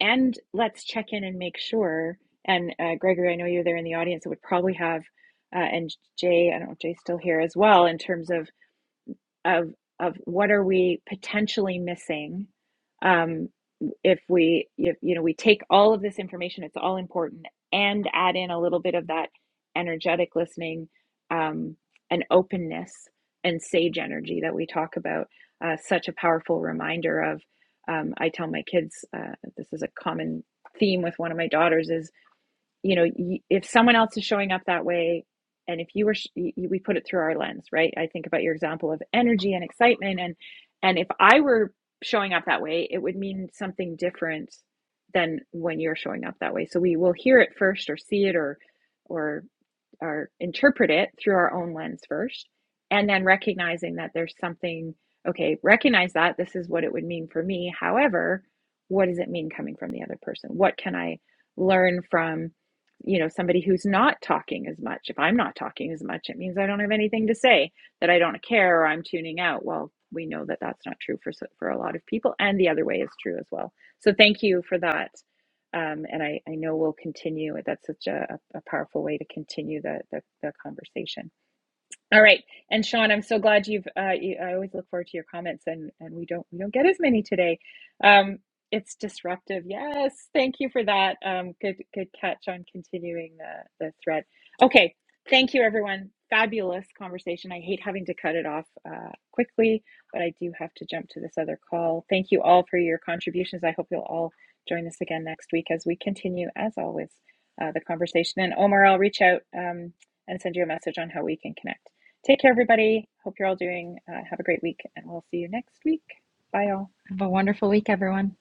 A: and let's check in and make sure. And uh, Gregory, I know you're there in the audience. It would probably have, uh, and Jay, I don't know if Jay's still here as well, in terms of of of what are we potentially missing um, if we if, you know we take all of this information it's all important and add in a little bit of that energetic listening um, and openness and sage energy that we talk about uh, such a powerful reminder of um, i tell my kids uh, this is a common theme with one of my daughters is you know y- if someone else is showing up that way and if you were sh- y- we put it through our lens right i think about your example of energy and excitement and and if i were showing up that way it would mean something different than when you're showing up that way so we will hear it first or see it or or or interpret it through our own lens first and then recognizing that there's something okay recognize that this is what it would mean for me however what does it mean coming from the other person what can i learn from you know somebody who's not talking as much if i'm not talking as much it means i don't have anything to say that i don't care or i'm tuning out well we know that that's not true for for a lot of people and the other way is true as well so thank you for that um, and I, I know we'll continue. That's such a, a powerful way to continue the, the, the conversation. All right, and Sean, I'm so glad you've. Uh, you, I always look forward to your comments, and and we don't we don't get as many today. Um, it's disruptive. Yes, thank you for that. Um, good good catch on continuing the the thread. Okay, thank you everyone. Fabulous conversation. I hate having to cut it off uh, quickly, but I do have to jump to this other call. Thank you all for your contributions. I hope you'll all join us again next week as we continue, as always, uh, the conversation. And Omar, I'll reach out um, and send you a message on how we can connect. Take care, everybody. Hope you're all doing, uh, have a great week, and we'll see you next week. Bye, all.
B: Have a wonderful week, everyone.